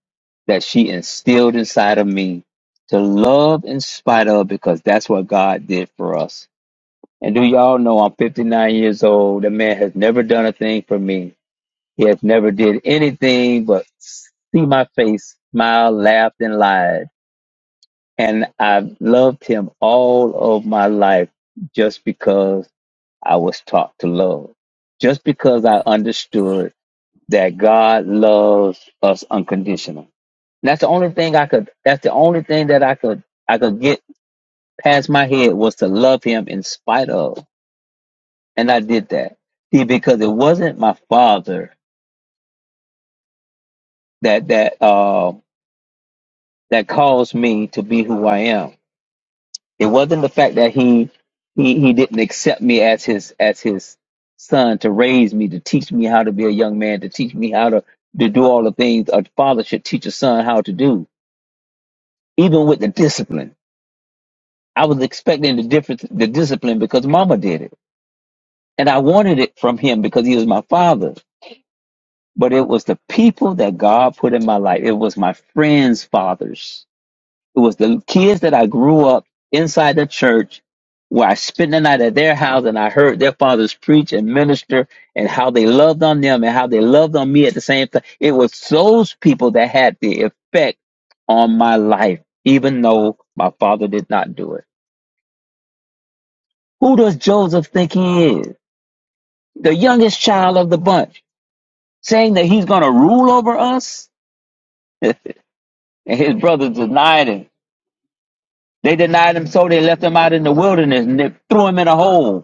[SPEAKER 4] that she instilled inside of me to love in spite of because that's what God did for us. And do y'all know I'm 59 years old? The man has never done a thing for me He hath never did anything but see my face, smile, laughed, and lied. And I've loved him all of my life just because I was taught to love. Just because I understood that God loves us unconditional. And that's the only thing I could that's the only thing that I could I could get past my head was to love him in spite of. And I did that. See, because it wasn't my father that that uh, that caused me to be who I am. It wasn't the fact that he he he didn't accept me as his as his son to raise me, to teach me how to be a young man, to teach me how to, to do all the things a father should teach a son how to do, even with the discipline. I was expecting the difference the discipline because mama did it. And I wanted it from him because he was my father. But it was the people that God put in my life. It was my friends' fathers It was the kids that I grew up inside the church where I spent the night at their house and I heard their fathers preach and minister and how they loved on them and how they loved on me at the same time. It was those people that had the effect on my life, even though my father did not do it. Who does Joseph think he is? The youngest child of the bunch, saying that he's going to rule over us? and his brothers denied him. They denied him, so they left him out in the wilderness and they threw him in a hole.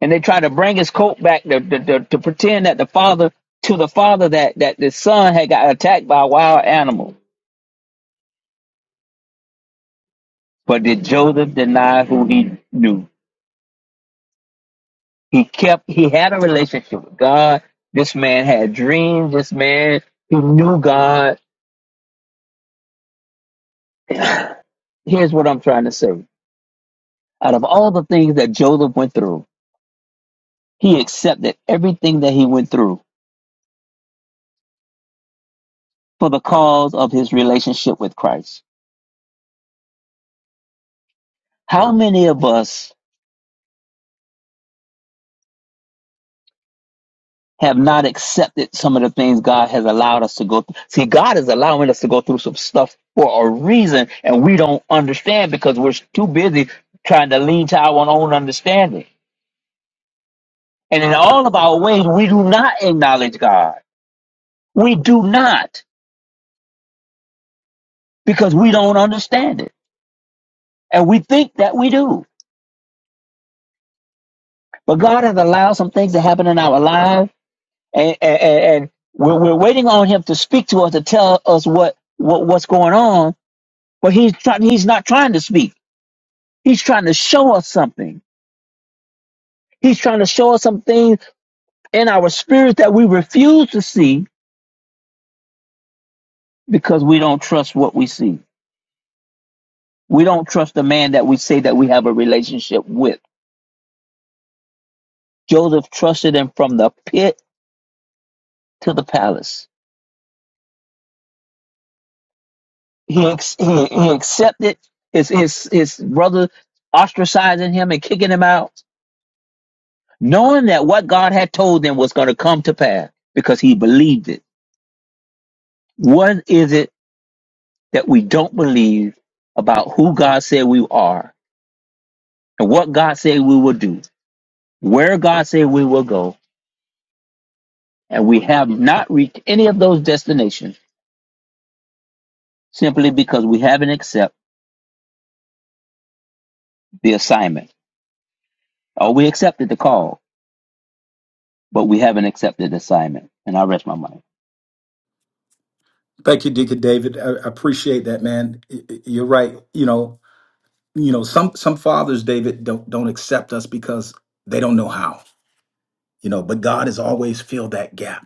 [SPEAKER 4] and they try to bring his coat back to, to, to, to pretend that the father to the father that that the son had got attacked by a wild animal but did joseph deny who he knew he kept he had a relationship with god this man had dreams this man he knew god here's what i'm trying to say out of all the things that joseph went through he accepted everything that he went through for the cause of his relationship with christ how many of us have not accepted some of the things God has allowed us to go through. See, God is allowing us to go through some stuff for a reason, and we don't understand because we're too busy trying to lean to our own understanding. And in all of our ways, we do not acknowledge God. We do not because we don't understand it. And we think that we do. But God has allowed some things to happen in our lives, and, and, and we're, we're waiting on Him to speak to us, to tell us what, what what's going on, but he's, try- he's not trying to speak. He's trying to show us something. He's trying to show us some things in our spirit that we refuse to see because we don't trust what we see. We don't trust the man that we say that we have a relationship with. Joseph trusted him from the pit to the palace. He, ex- he, he accepted his, his, his brother ostracizing him and kicking him out, knowing that what God had told them was going to come to pass because he believed it. What is it that we don't believe about who God said we are and what God said we will do, where God said we will go, and we have not reached any of those destinations simply because we haven't accepted the assignment. Or we accepted the call, but we haven't accepted the assignment. And I rest my mind.
[SPEAKER 1] Thank you, Deacon David. I, I appreciate that, man. Y- y- You're right. You know, you know, some some fathers, David, don't don't accept us because they don't know how. You know, but God has always filled that gap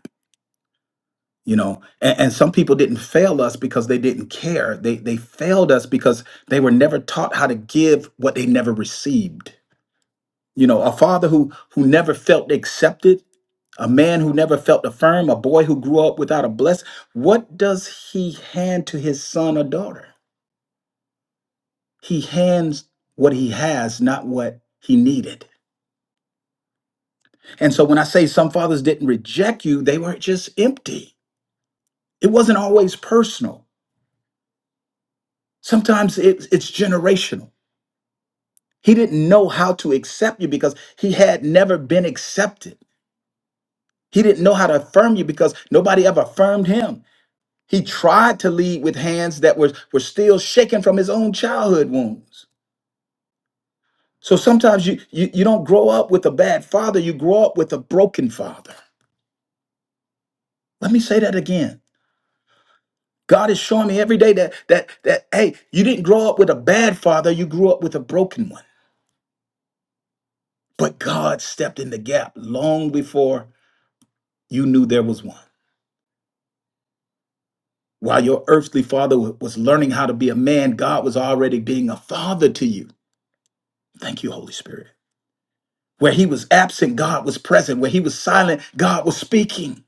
[SPEAKER 1] you know and, and some people didn't fail us because they didn't care they they failed us because they were never taught how to give what they never received you know a father who who never felt accepted a man who never felt affirmed a boy who grew up without a bless what does he hand to his son or daughter he hands what he has not what he needed and so when i say some fathers didn't reject you they were just empty it wasn't always personal sometimes it, it's generational He didn't know how to accept you because he had never been accepted. He didn't know how to affirm you because nobody ever affirmed him. He tried to lead with hands that were, were still shaken from his own childhood wounds. So sometimes you, you, you don't grow up with a bad father, you grow up with a broken father. Let me say that again. God is showing me every day that that that hey, you didn't grow up with a bad father, you grew up with a broken one. But God stepped in the gap long before you knew there was one. While your earthly father was learning how to be a man, God was already being a father to you. Thank you, Holy Spirit. Where he was absent, God was present. Where he was silent, God was speaking.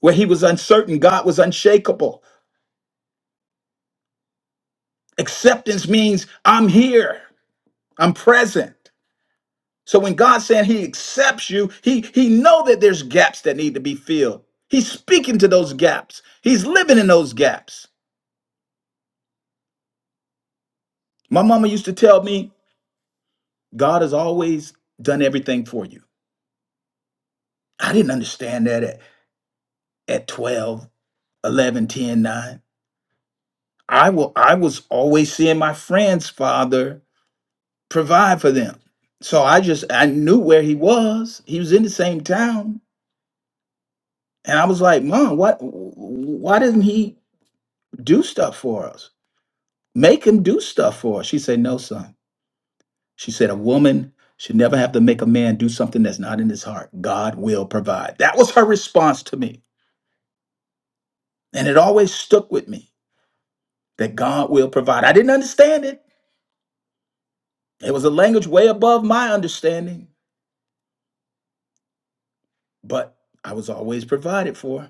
[SPEAKER 1] Where he was uncertain, God was unshakable. Acceptance means I'm here, I'm present. So when God's saying he accepts you, he he know that there's gaps that need to be filled. He's speaking to those gaps. He's living in those gaps. My mama used to tell me, God has always done everything for you. I didn't understand that at, at 12, 11, 10, 9. I, will, I was always seeing my friend's father provide for them. So I just, I knew where he was. He was in the same town. And I was like, Mom, what, why doesn't he do stuff for us? Make him do stuff for us. She said, No, son. She said, A woman should never have to make a man do something that's not in his heart. God will provide. That was her response to me. And it always stuck with me that God will provide. I didn't understand it. It was a language way above my understanding, but I was always provided for.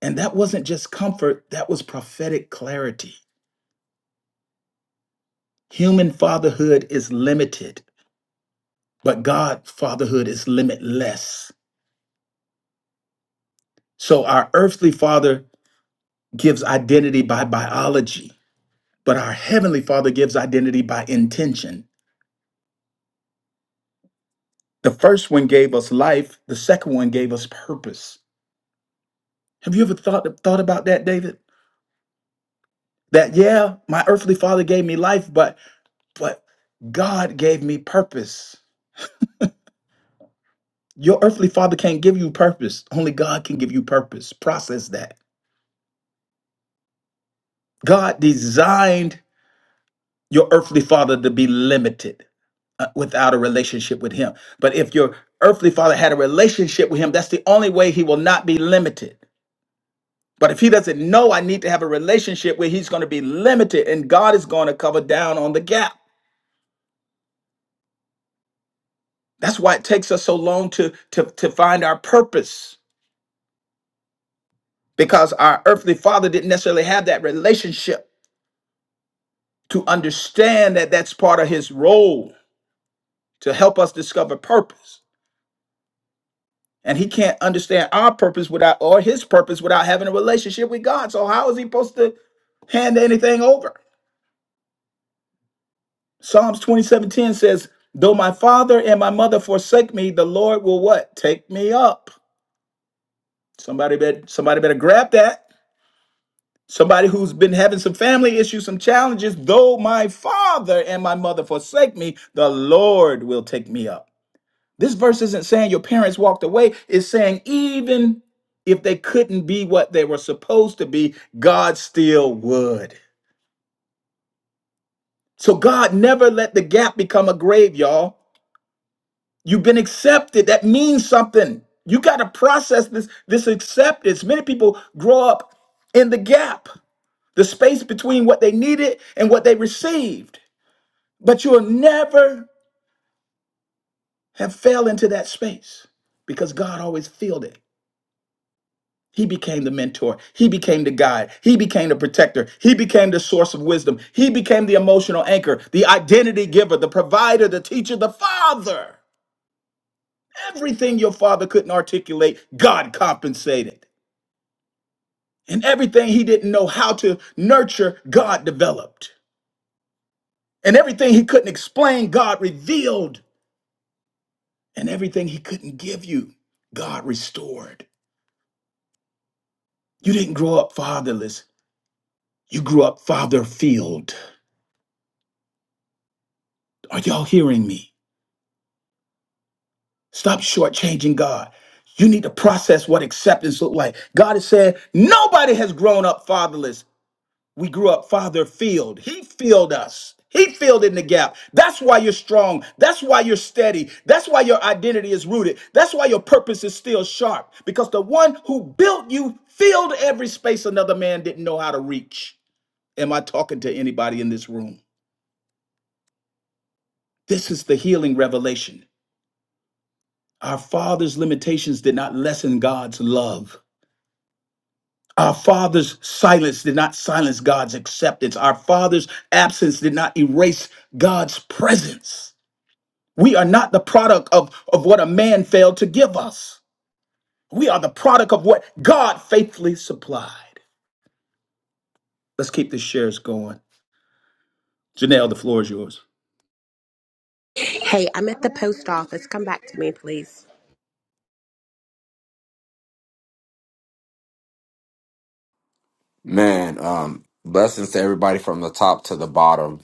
[SPEAKER 1] And that wasn't just comfort, that was prophetic clarity. Human fatherhood is limited, but God's fatherhood is limitless. So our earthly father gives identity by biology, but our heavenly father gives identity by intention. The first one gave us life, the second one gave us purpose. Have you ever thought, thought about that, David? That yeah, my earthly father gave me life, but but God gave me purpose. Your earthly father can't give you purpose. Only God can give you purpose. Process that. God designed your earthly father to be limited uh, without a relationship with him. But if your earthly father had a relationship with him, that's the only way he will not be limited. But if he doesn't know I need to have a relationship where he's going to be limited and God is going to cover down on the gap. That's why it takes us so long to, to, to find our purpose because our earthly father didn't necessarily have that relationship to understand that that's part of his role to help us discover purpose. And he can't understand our purpose without or his purpose without having a relationship with God. So how is he supposed to hand anything over? Psalms 27:10 says, "Though my father and my mother forsake me, the Lord will what? Take me up." Somebody better somebody better grab that Somebody who's been having some family issues, some challenges, though my father and my mother forsake me, the Lord will take me up. This verse isn't saying your parents walked away, it's saying even if they couldn't be what they were supposed to be, God still would. So God never let the gap become a grave, y'all. You've been accepted. That means something. You got to process this this acceptance. Many people grow up in the gap. the space between what they needed and what they received. But you'll never have fell into that space because God always filled it. He became the mentor. He became the guide. He became the protector. He became the source of wisdom. He became the emotional anchor, the identity giver, the provider, the teacher, the father. Everything your father couldn't articulate, God compensated. And everything he didn't know how to nurture, God developed. And everything he couldn't explain, God revealed. and everything he couldn't give you, God restored. You didn't grow up fatherless, you grew up father filled. Are y'all hearing me? Stop shortchanging God. You need to process what acceptance look like. God is saying nobody has grown up fatherless. We grew up father filled. He filled us. He filled in the gap. That's why you're strong. That's why you're steady. That's why your identity is rooted. That's why your purpose is still sharp because the one who built you filled every space another man didn't know how to reach. Am I talking to anybody in this room? This is the healing revelation. Our father's limitations did not lessen God's love. Our father's silence did not silence God's acceptance. Our father's absence did not erase God's presence. We are not the product of, of what a man failed to give us. We are the product of what God faithfully supplied. Let's keep the shares going. Janelle, the floor is yours.
[SPEAKER 3] Hey, I'm at the post office. Come back to me, please.
[SPEAKER 5] Man, um, blessings to everybody from the top to the bottom.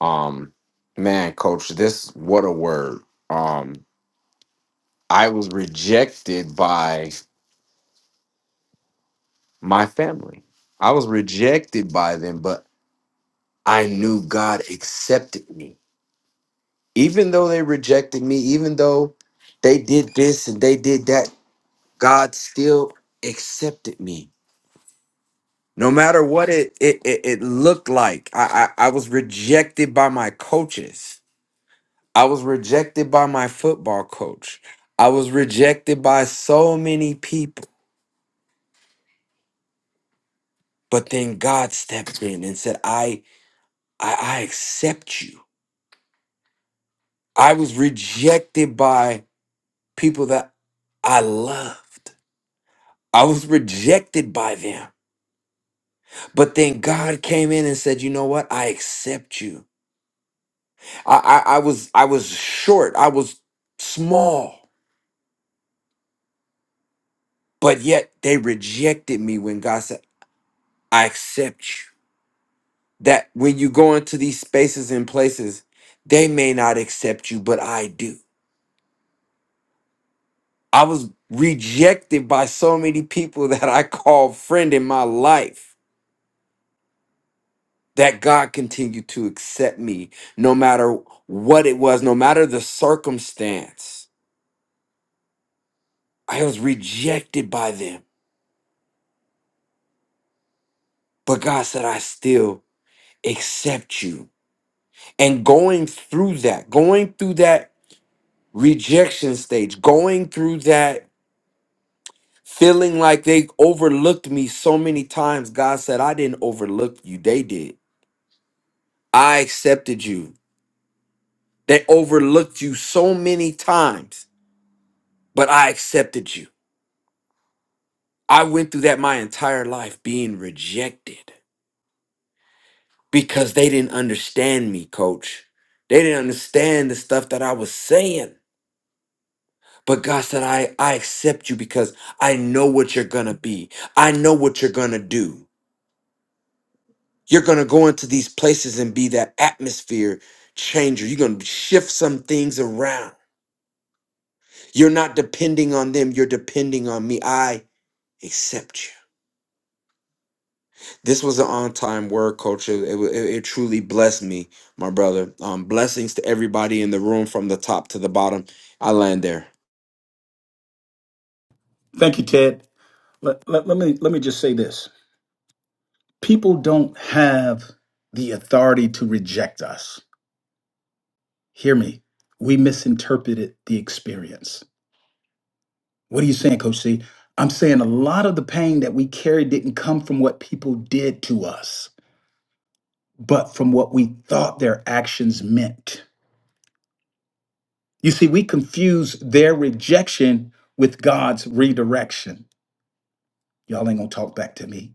[SPEAKER 5] Um, man, coach, this what a word. Um, I was rejected by my family. I was rejected by them, but I knew God accepted me. Even though they rejected me, even though they did this and they did that, God still accepted me. No matter what it it, it, it looked like, I, I I was rejected by my coaches I was rejected by my football coach. I was rejected by so many people. But then God stepped in and said, I, I, I accept you. I was rejected by people that I loved. I was rejected by them. But then God came in and said, you know what? I accept you. I, I, I was I was short. I was small. But yet they rejected me when God said, I accept you. that when you go into these spaces and places, they may not accept you, but I do. I was rejected by so many people that I call friend in my life that God continued to accept me no matter what it was, no matter the circumstance. I was rejected by them, but God said, I still accept you. And going through that, going through that rejection stage, going through that feeling like they overlooked me so many times. God said, I didn't overlook you. They did. I accepted you. They overlooked you so many times, but I accepted you. I went through that my entire life being rejected because they didn't understand me, coach. They didn't understand the stuff that I was saying. But God said, I, I accept you because I know what you're going to be. I know what you're going to do. You're going to go into these places and be that atmosphere changer. You're going to shift some things around. You're not depending on them, you're depending on me. I accept you. This was an on time word, coach. It, it, it truly blessed me, my brother. Um, blessings to everybody in the room from the top to the bottom. I land there.
[SPEAKER 1] Thank you, Ted. Let, let, let me, let me just say this people don't have the authority to reject us. Hear me. We misinterpreted the experience. What are you saying, Coach C? I'm saying a lot of the pain that we carried didn't come from what people did to us, but from what we thought their actions meant. You see, we confuse their rejection with God's redirection. Y'all ain't gonna talk back to me.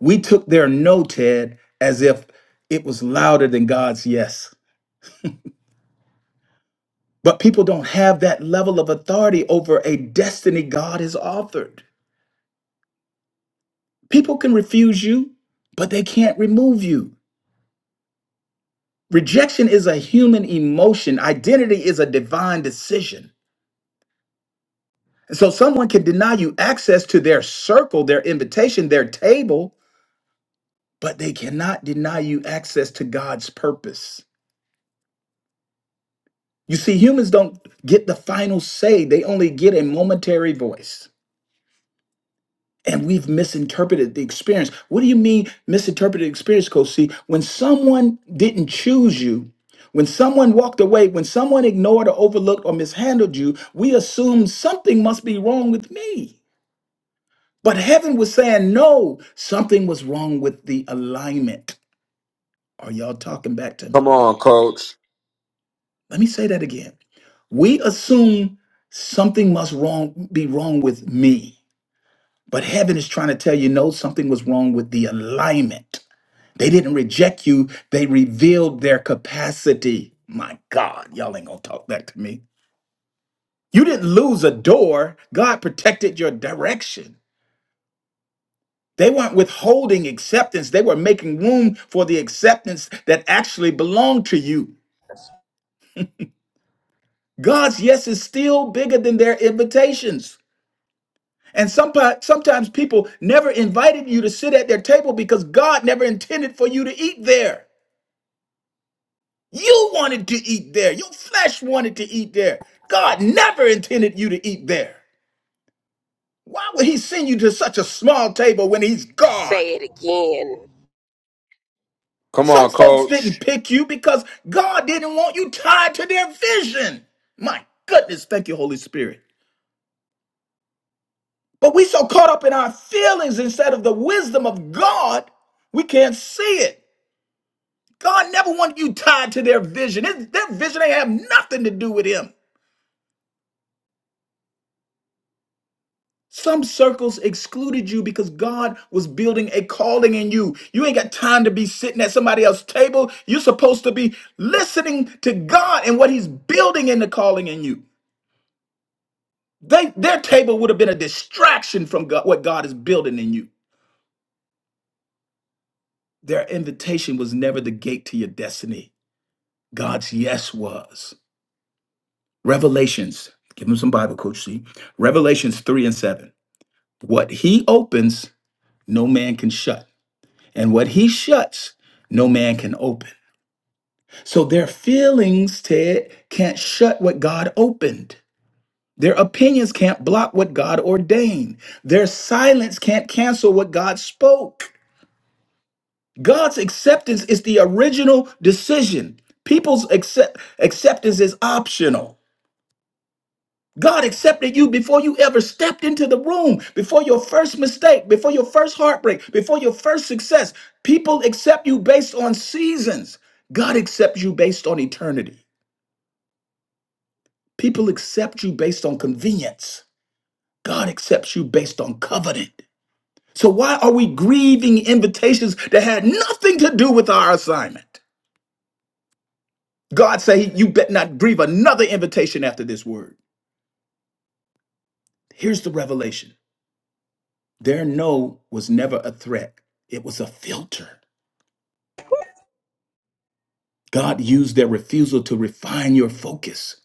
[SPEAKER 1] We took their no, Ted, as if it was louder than God's yes. But people don't have that level of authority over a destiny God has authored. People can refuse you, but they can't remove you. Rejection is a human emotion, identity is a divine decision. And so someone can deny you access to their circle, their invitation, their table, but they cannot deny you access to God's purpose. You see, humans don't get the final say, they only get a momentary voice. And we've misinterpreted the experience. What do you mean, misinterpreted experience, Coach C? When someone didn't choose you, when someone walked away, when someone ignored or overlooked or mishandled you, we assume something must be wrong with me. But heaven was saying, no, something was wrong with the alignment. Are y'all talking back to me?
[SPEAKER 5] Come on, coach.
[SPEAKER 1] Let me say that again. We assume something must wrong be wrong with me. But heaven is trying to tell you no, something was wrong with the alignment. They didn't reject you, they revealed their capacity. My God, y'all ain't gonna talk back to me. You didn't lose a door. God protected your direction. They weren't withholding acceptance. They were making room for the acceptance that actually belonged to you. God's yes is still bigger than their invitations. And some, sometimes people never invited you to sit at their table because God never intended for you to eat there. You wanted to eat there. Your flesh wanted to eat there. God never intended you to eat there. Why would he send you to such a small table when he's God?
[SPEAKER 5] Come on,
[SPEAKER 1] Some folks
[SPEAKER 5] coach.
[SPEAKER 1] didn't pick you because God didn't want you tied to their vision. My goodness, thank you, Holy Spirit. But we so caught up in our feelings instead of the wisdom of God, we can't see it. God never wanted you tied to their vision. It- their vision ain't have nothing to do with him. Some circles excluded you because God was building a calling in you. You ain't got time to be sitting at somebody else's table. You're supposed to be listening to God and what He's building in the calling in you. They, their table would have been a distraction from God, what God is building in you. Their invitation was never the gate to your destiny. God's yes was. Revelations, give them some Bible, Coach C. Revelations 3 and 7. What he opens, no man can shut. And what he shuts, no man can open. So their feelings, Ted, can't shut what God opened. Their opinions can't block what God ordained. Their silence can't cancel what God spoke. God's acceptance is the original decision. People's accept- acceptance is optional. God accepted you before you ever stepped into the room, before your first mistake, before your first heartbreak, before your first success. People accept you based on seasons. God accepts you based on eternity. People accept you based on convenience. God accepts you based on covenant. So why are we grieving invitations that had nothing to do with our assignment? God say you bet not grieve another invitation after this word. Here's the revelation. Their no was never a threat, it was a filter. God used their refusal to refine your focus.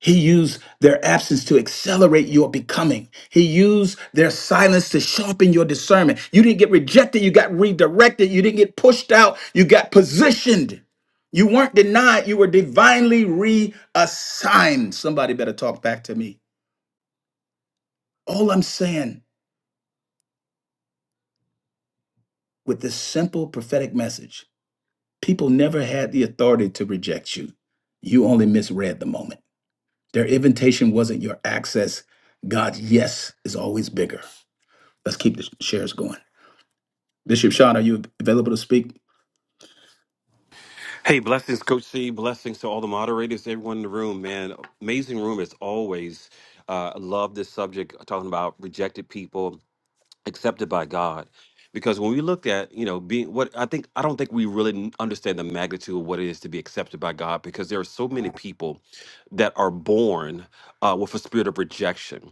[SPEAKER 1] He used their absence to accelerate your becoming. He used their silence to sharpen your discernment. You didn't get rejected, you got redirected. You didn't get pushed out, you got positioned. You weren't denied, you were divinely reassigned. Somebody better talk back to me. All I'm saying with this simple prophetic message People never had the authority to reject you. You only misread the moment. Their invitation wasn't your access. God's yes is always bigger. Let's keep the shares going. Bishop Sean, are you available to speak?
[SPEAKER 6] Hey, blessings, Coach C. Blessings to all the moderators, everyone in the room, man. Amazing room as always. Uh, I love this subject, talking about rejected people accepted by God. Because when we look at, you know, being what I think, I don't think we really n- understand the magnitude of what it is to be accepted by God because there are so many people that are born uh, with a spirit of rejection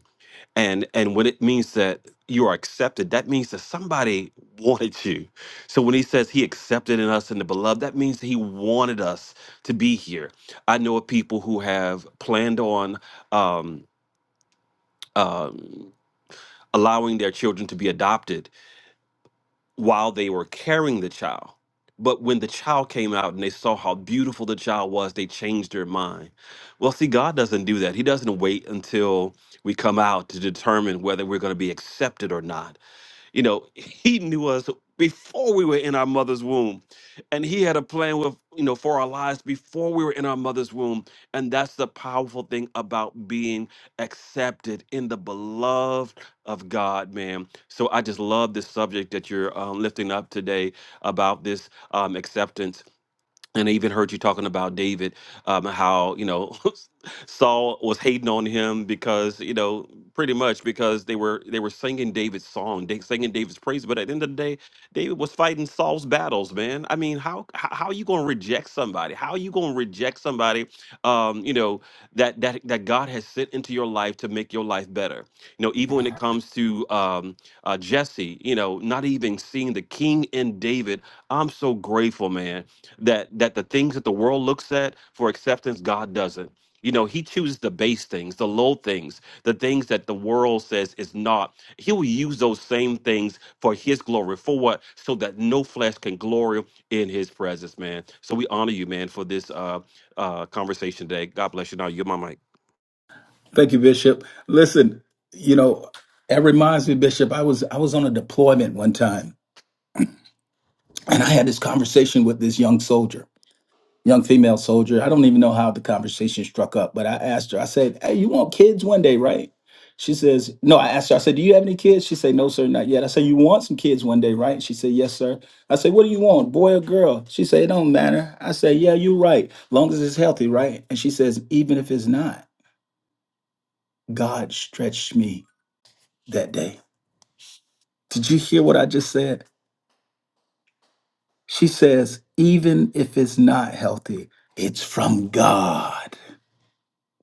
[SPEAKER 6] and and when it means that you are accepted that means that somebody wanted you so when he says he accepted in us in the beloved that means that he wanted us to be here i know of people who have planned on um, um, allowing their children to be adopted while they were carrying the child. But when the child came out and they saw how beautiful the child was, they changed their mind. Well, see, God doesn't do that. He doesn't wait until we come out to determine whether we're going to be accepted or not. You know, he knew us before we were in our mother's womb. And he had a plan with, you know, for our lives before we were in our mother's womb. And that's the powerful thing about being accepted in the beloved of God, man. So I just love this subject that you're um, lifting up today about this um, acceptance. And I even heard you talking about David, um, how you know Saul was hating on him because you know pretty much because they were they were singing David's song, they singing David's praise. But at the end of the day, David was fighting Saul's battles, man. I mean, how how, how are you going to reject somebody? How are you going to reject somebody? Um, you know that that that God has sent into your life to make your life better. You know, even when it comes to um, uh, Jesse, you know, not even seeing the king in David, I'm so grateful, man that that the things that the world looks at for acceptance god doesn't you know he chooses the base things the low things the things that the world says is not he will use those same things for his glory for what so that no flesh can glory in his presence man so we honor you man for this uh uh conversation today god bless you now you're my mic
[SPEAKER 1] Thank you, Bishop. Listen, you know, that reminds me, Bishop, I was I was on a deployment one time and I had this conversation with this young soldier. young female soldier. I don't even know how the conversation struck up, but I asked her, I said, Hey, you want kids one day, right? She says, No, I asked her, I said, Do you have any kids? She said, No, sir, not yet. I said, You want some kids one day, right? She said, Yes, sir. I said, What do you want, boy or girl? She said, It don't matter. I said, Yeah, you're right. Long as it's healthy, right? And she says, Even if it's not, God stretched me that day. Did you hear what I just said? She says, Even if it's not healthy, it's from God.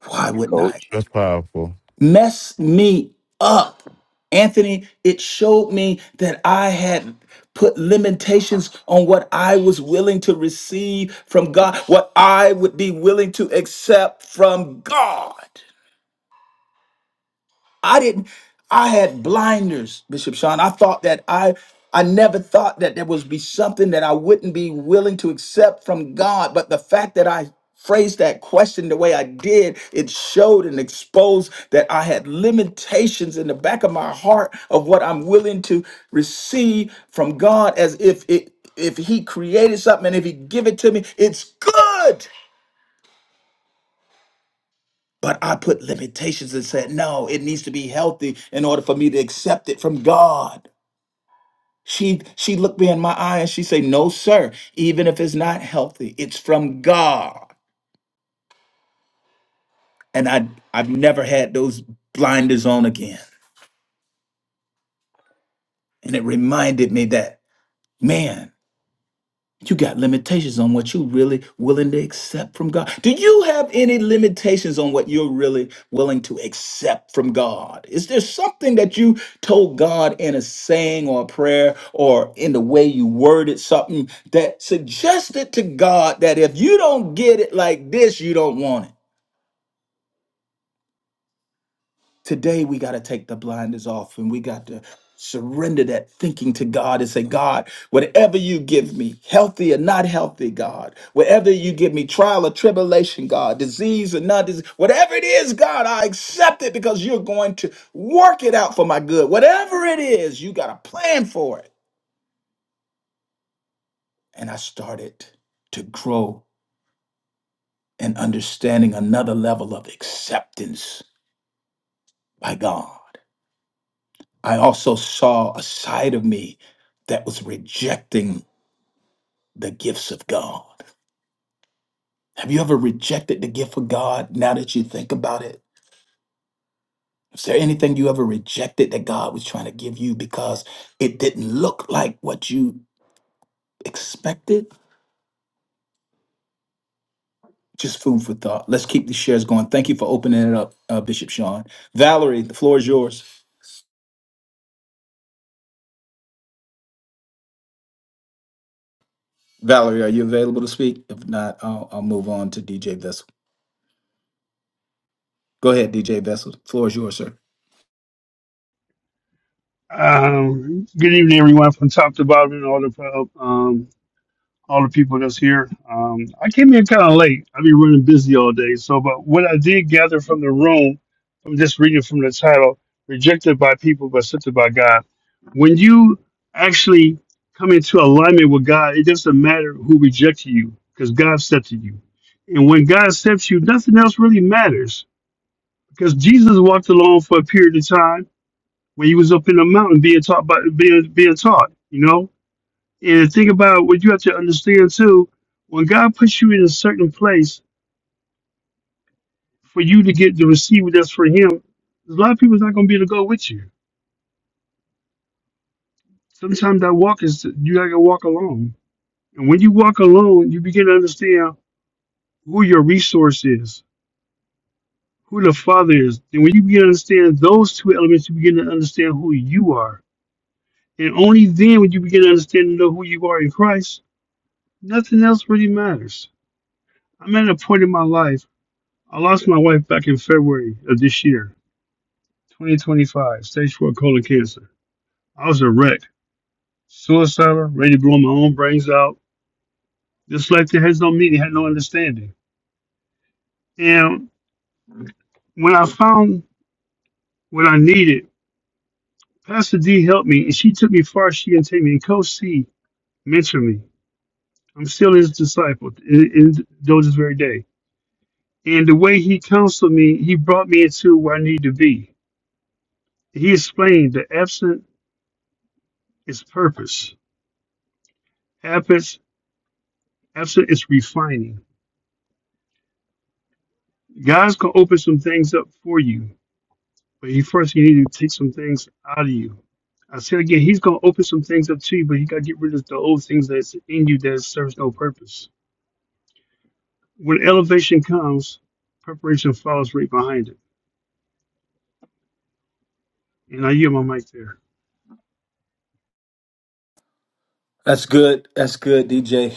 [SPEAKER 1] Why wouldn't I?
[SPEAKER 7] That's powerful.
[SPEAKER 1] messed me up. Anthony, it showed me that I had put limitations on what I was willing to receive from God, what I would be willing to accept from God. I didn't. I had blinders, Bishop Sean. I thought that I. I never thought that there would be something that I wouldn't be willing to accept from God. But the fact that I phrased that question the way I did, it showed and exposed that I had limitations in the back of my heart of what I'm willing to receive from God as if it if he created something and if he give it to me, it's good. But I put limitations and said, no, it needs to be healthy in order for me to accept it from God. She she looked me in my eye and she said, No, sir, even if it's not healthy, it's from God. And I I've never had those blinders on again. And it reminded me that, man. You got limitations on what you're really willing to accept from God. Do you have any limitations on what you're really willing to accept from God? Is there something that you told God in a saying or a prayer or in the way you worded something that suggested to God that if you don't get it like this, you don't want it? Today, we got to take the blinders off and we got to surrender that thinking to God and say, God, whatever you give me, healthy or not healthy, God, whatever you give me, trial or tribulation, God, disease or not disease, whatever it is, God, I accept it because you're going to work it out for my good. Whatever it is, you got a plan for it. And I started to grow in understanding another level of acceptance by God. I also saw a side of me that was rejecting the gifts of God. Have you ever rejected the gift of God now that you think about it? Is there anything you ever rejected that God was trying to give you because it didn't look like what you expected? Just food for thought. Let's keep these shares going. Thank you for opening it up, uh, Bishop Sean. Valerie, the floor is yours. Valerie, are you available to speak? If not, I'll, I'll move on to DJ Vessel. Go ahead, DJ Vessel. Floor is yours, sir.
[SPEAKER 8] Um, good evening, everyone, from top to bottom, and all the um, all the people that's here. Um, I came in kind of late. I've been running busy all day. So, but what I did gather from the room, from just reading from the title, "Rejected by People but Accepted by God," when you actually come into alignment with God, it doesn't matter who rejected you, because God accepted you. And when God accepts you, nothing else really matters, because Jesus walked alone for a period of time when you was up in the mountain being taught by being being taught, you know? And think about what you have to understand too, when God puts you in a certain place for you to get to receive that's for him, there's a lot of people's not gonna be able to go with you. Sometimes that walk is you gotta walk alone. And when you walk alone, you begin to understand who your resource is, who the father is. And when you begin to understand those two elements, you begin to understand who you are. And only then when you begin to understand and know who you are in Christ, nothing else really matters I'm at a point in my life. I lost my wife back in February of this year, 2025, stage four colon cancer. I was a wreck, suicidal, ready to blow my own brains out. This life that has no meaning had no understanding. And when I found what I needed, Pastor D helped me, and she took me far as she can take me. And Coach C mentored me. I'm still his disciple, in, in though this very day. And the way he counseled me, he brought me into where I need to be. He explained the absent is purpose Efforts, effort is refining. God's gonna open some things up for you, but he first he need to take some things out of you. I said again, he's gonna open some things up to you, but he gotta get rid of the old things that's in you that serves no purpose. When elevation comes, preparation follows right behind it. And I yield my mic there.
[SPEAKER 1] That's good. That's good, DJ.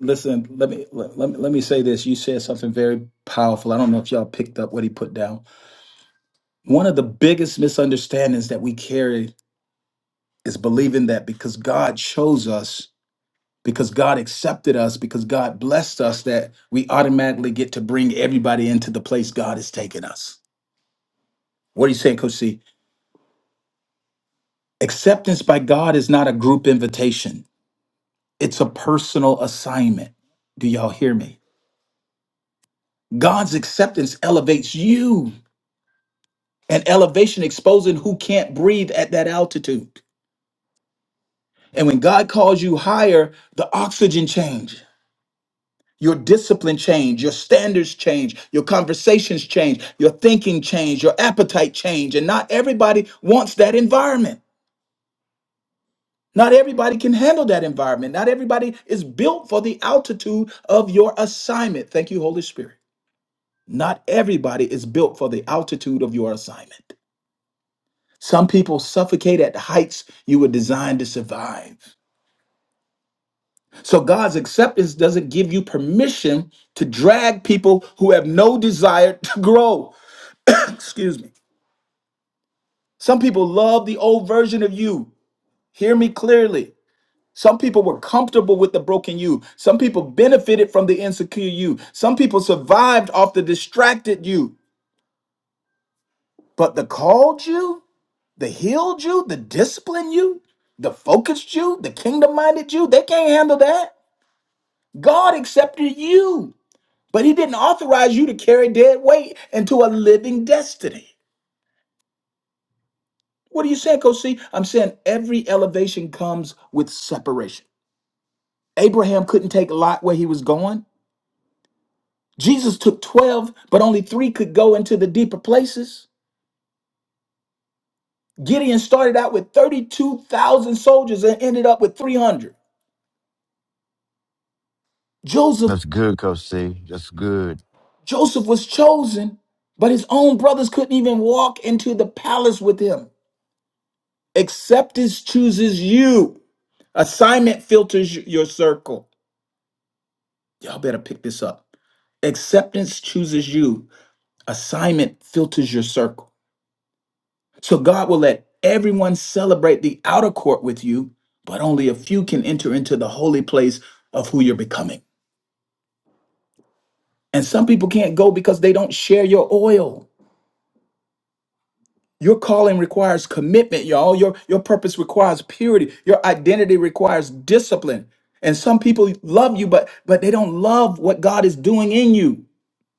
[SPEAKER 1] Listen, let me let, let me let me say this. You said something very powerful. I don't know if y'all picked up what he put down. One of the biggest misunderstandings that we carry is believing that because God chose us, because God accepted us, because God blessed us, that we automatically get to bring everybody into the place God has taken us. What are you saying, Coach C? Acceptance by God is not a group invitation. It's a personal assignment. Do y'all hear me? God's acceptance elevates you, and elevation exposing who can't breathe at that altitude. And when God calls you higher, the oxygen change, your discipline change, your standards change, your conversations change, your thinking change, your appetite change. And not everybody wants that environment. Not everybody can handle that environment. Not everybody is built for the altitude of your assignment. Thank you, Holy Spirit. Not everybody is built for the altitude of your assignment. Some people suffocate at heights you were designed to survive. So God's acceptance doesn't give you permission to drag people who have no desire to grow. Excuse me. Some people love the old version of you. Hear me clearly. Some people were comfortable with the broken you. Some people benefited from the insecure you. Some people survived off the distracted you. But the called you, the healed you, the disciplined you, the focused you, the kingdom minded you, they can't handle that. God accepted you, but He didn't authorize you to carry dead weight into a living destiny. What are you saying, Coach C? I'm saying every elevation comes with separation. Abraham couldn't take Lot where he was going. Jesus took 12, but only three could go into the deeper places. Gideon started out with 32,000 soldiers and ended up with 300. Joseph
[SPEAKER 7] That's good, Coach C. That's good.
[SPEAKER 1] Joseph was chosen, but his own brothers couldn't even walk into the palace with him. Acceptance chooses you. Assignment filters y- your circle. Y'all better pick this up. Acceptance chooses you. Assignment filters your circle. So God will let everyone celebrate the outer court with you, but only a few can enter into the holy place of who you're becoming. And some people can't go because they don't share your oil. Your calling requires commitment, y'all. Your your purpose requires purity. Your identity requires discipline. And some people love you, but but they don't love what God is doing in you.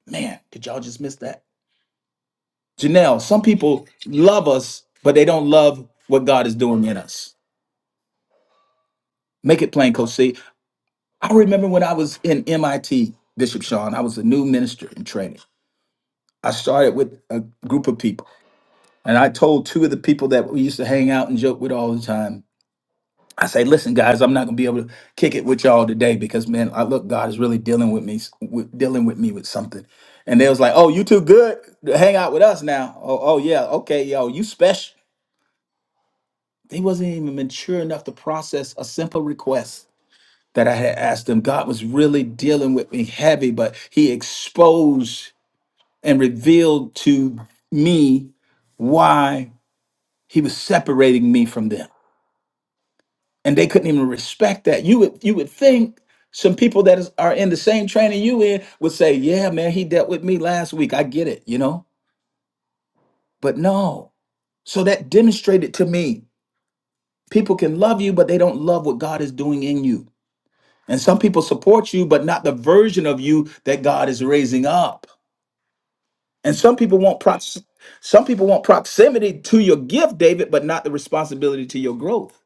[SPEAKER 1] Man, did y'all just miss that? Janelle, some people love us, but they don't love what God is doing in us. Make it plain, Coach C. I remember when I was in MIT, Bishop Sean, I was a new minister in training. I started with a group of people, and I told two of the people that we used to hang out and joke with all the time, I say, listen, guys, I'm not gonna be able to kick it with y'all today because man, I look, God is really dealing with me, with, dealing with me with something. And they was like, oh, you too good to hang out with us now. Oh, oh yeah, okay, yo, you special. They wasn't even mature enough to process a simple request that I had asked them. God was really dealing with me heavy, but He exposed and revealed to me why He was separating me from them, and they couldn't even respect that. You would you would think. Some people that is, are in the same training you in would say, "Yeah, man, he dealt with me last week. I get it, you know." But no. So that demonstrated to me people can love you, but they don't love what God is doing in you. And some people support you, but not the version of you that God is raising up. And some people want prox- some people want proximity to your gift, David, but not the responsibility to your growth.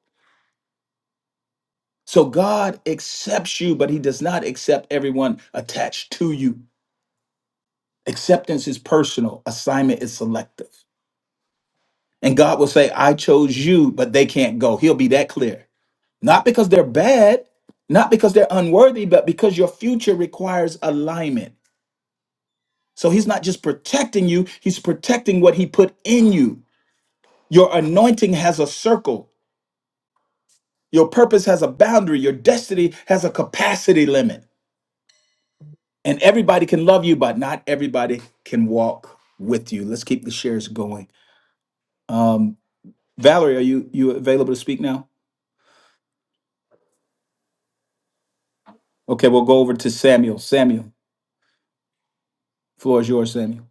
[SPEAKER 1] So God accepts you, but he does not accept everyone attached to you. Acceptance is personal, assignment is selective. And God will say, I chose you, but they can't go. He'll be that clear. Not because they're bad, not because they're unworthy, but because your future requires alignment. So he's not just protecting you, he's protecting what he put in you. Your anointing has a circle, your purpose has a boundary, your destiny has a capacity limit. And everybody can love you, but not everybody can walk with you. Let's keep the shares going. Um, Valerie, are you you available to speak now? Okay, we'll go over to Samuel. Samuel, floor is yours, Samuel.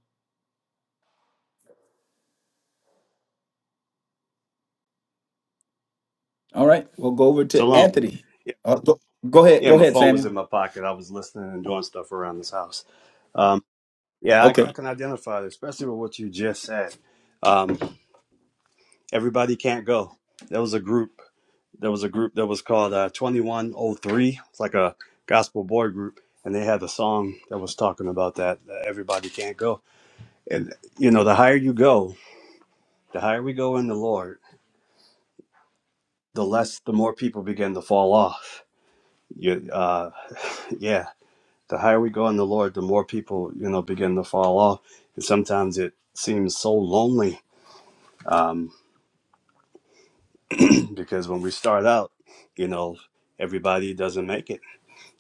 [SPEAKER 1] All right, we'll go over to
[SPEAKER 9] Shalom.
[SPEAKER 1] Anthony.
[SPEAKER 9] Yeah,
[SPEAKER 1] Uh, go, go ahead,
[SPEAKER 9] yeah,
[SPEAKER 1] go
[SPEAKER 9] my
[SPEAKER 1] ahead,
[SPEAKER 9] phone was
[SPEAKER 1] Samuel.
[SPEAKER 9] in my pocket. I was listening and doing stuff around this house. Um, yeah, I,
[SPEAKER 1] Okay.
[SPEAKER 9] I can identify, especially with what you just said. Um, everybody can't go. There was a group. There was a group that was called uh, 2103. It's like a gospel boy group, and they had a song that was talking about that. that everybody can't go, and you know, the higher you go, the higher we go in the Lord, the less, the more people begin to fall off. You, uh, yeah the higher we go in the Lord, the more people, you know, begin to fall off. And sometimes it seems so lonely um, because when we start out, you know, everybody doesn't make it.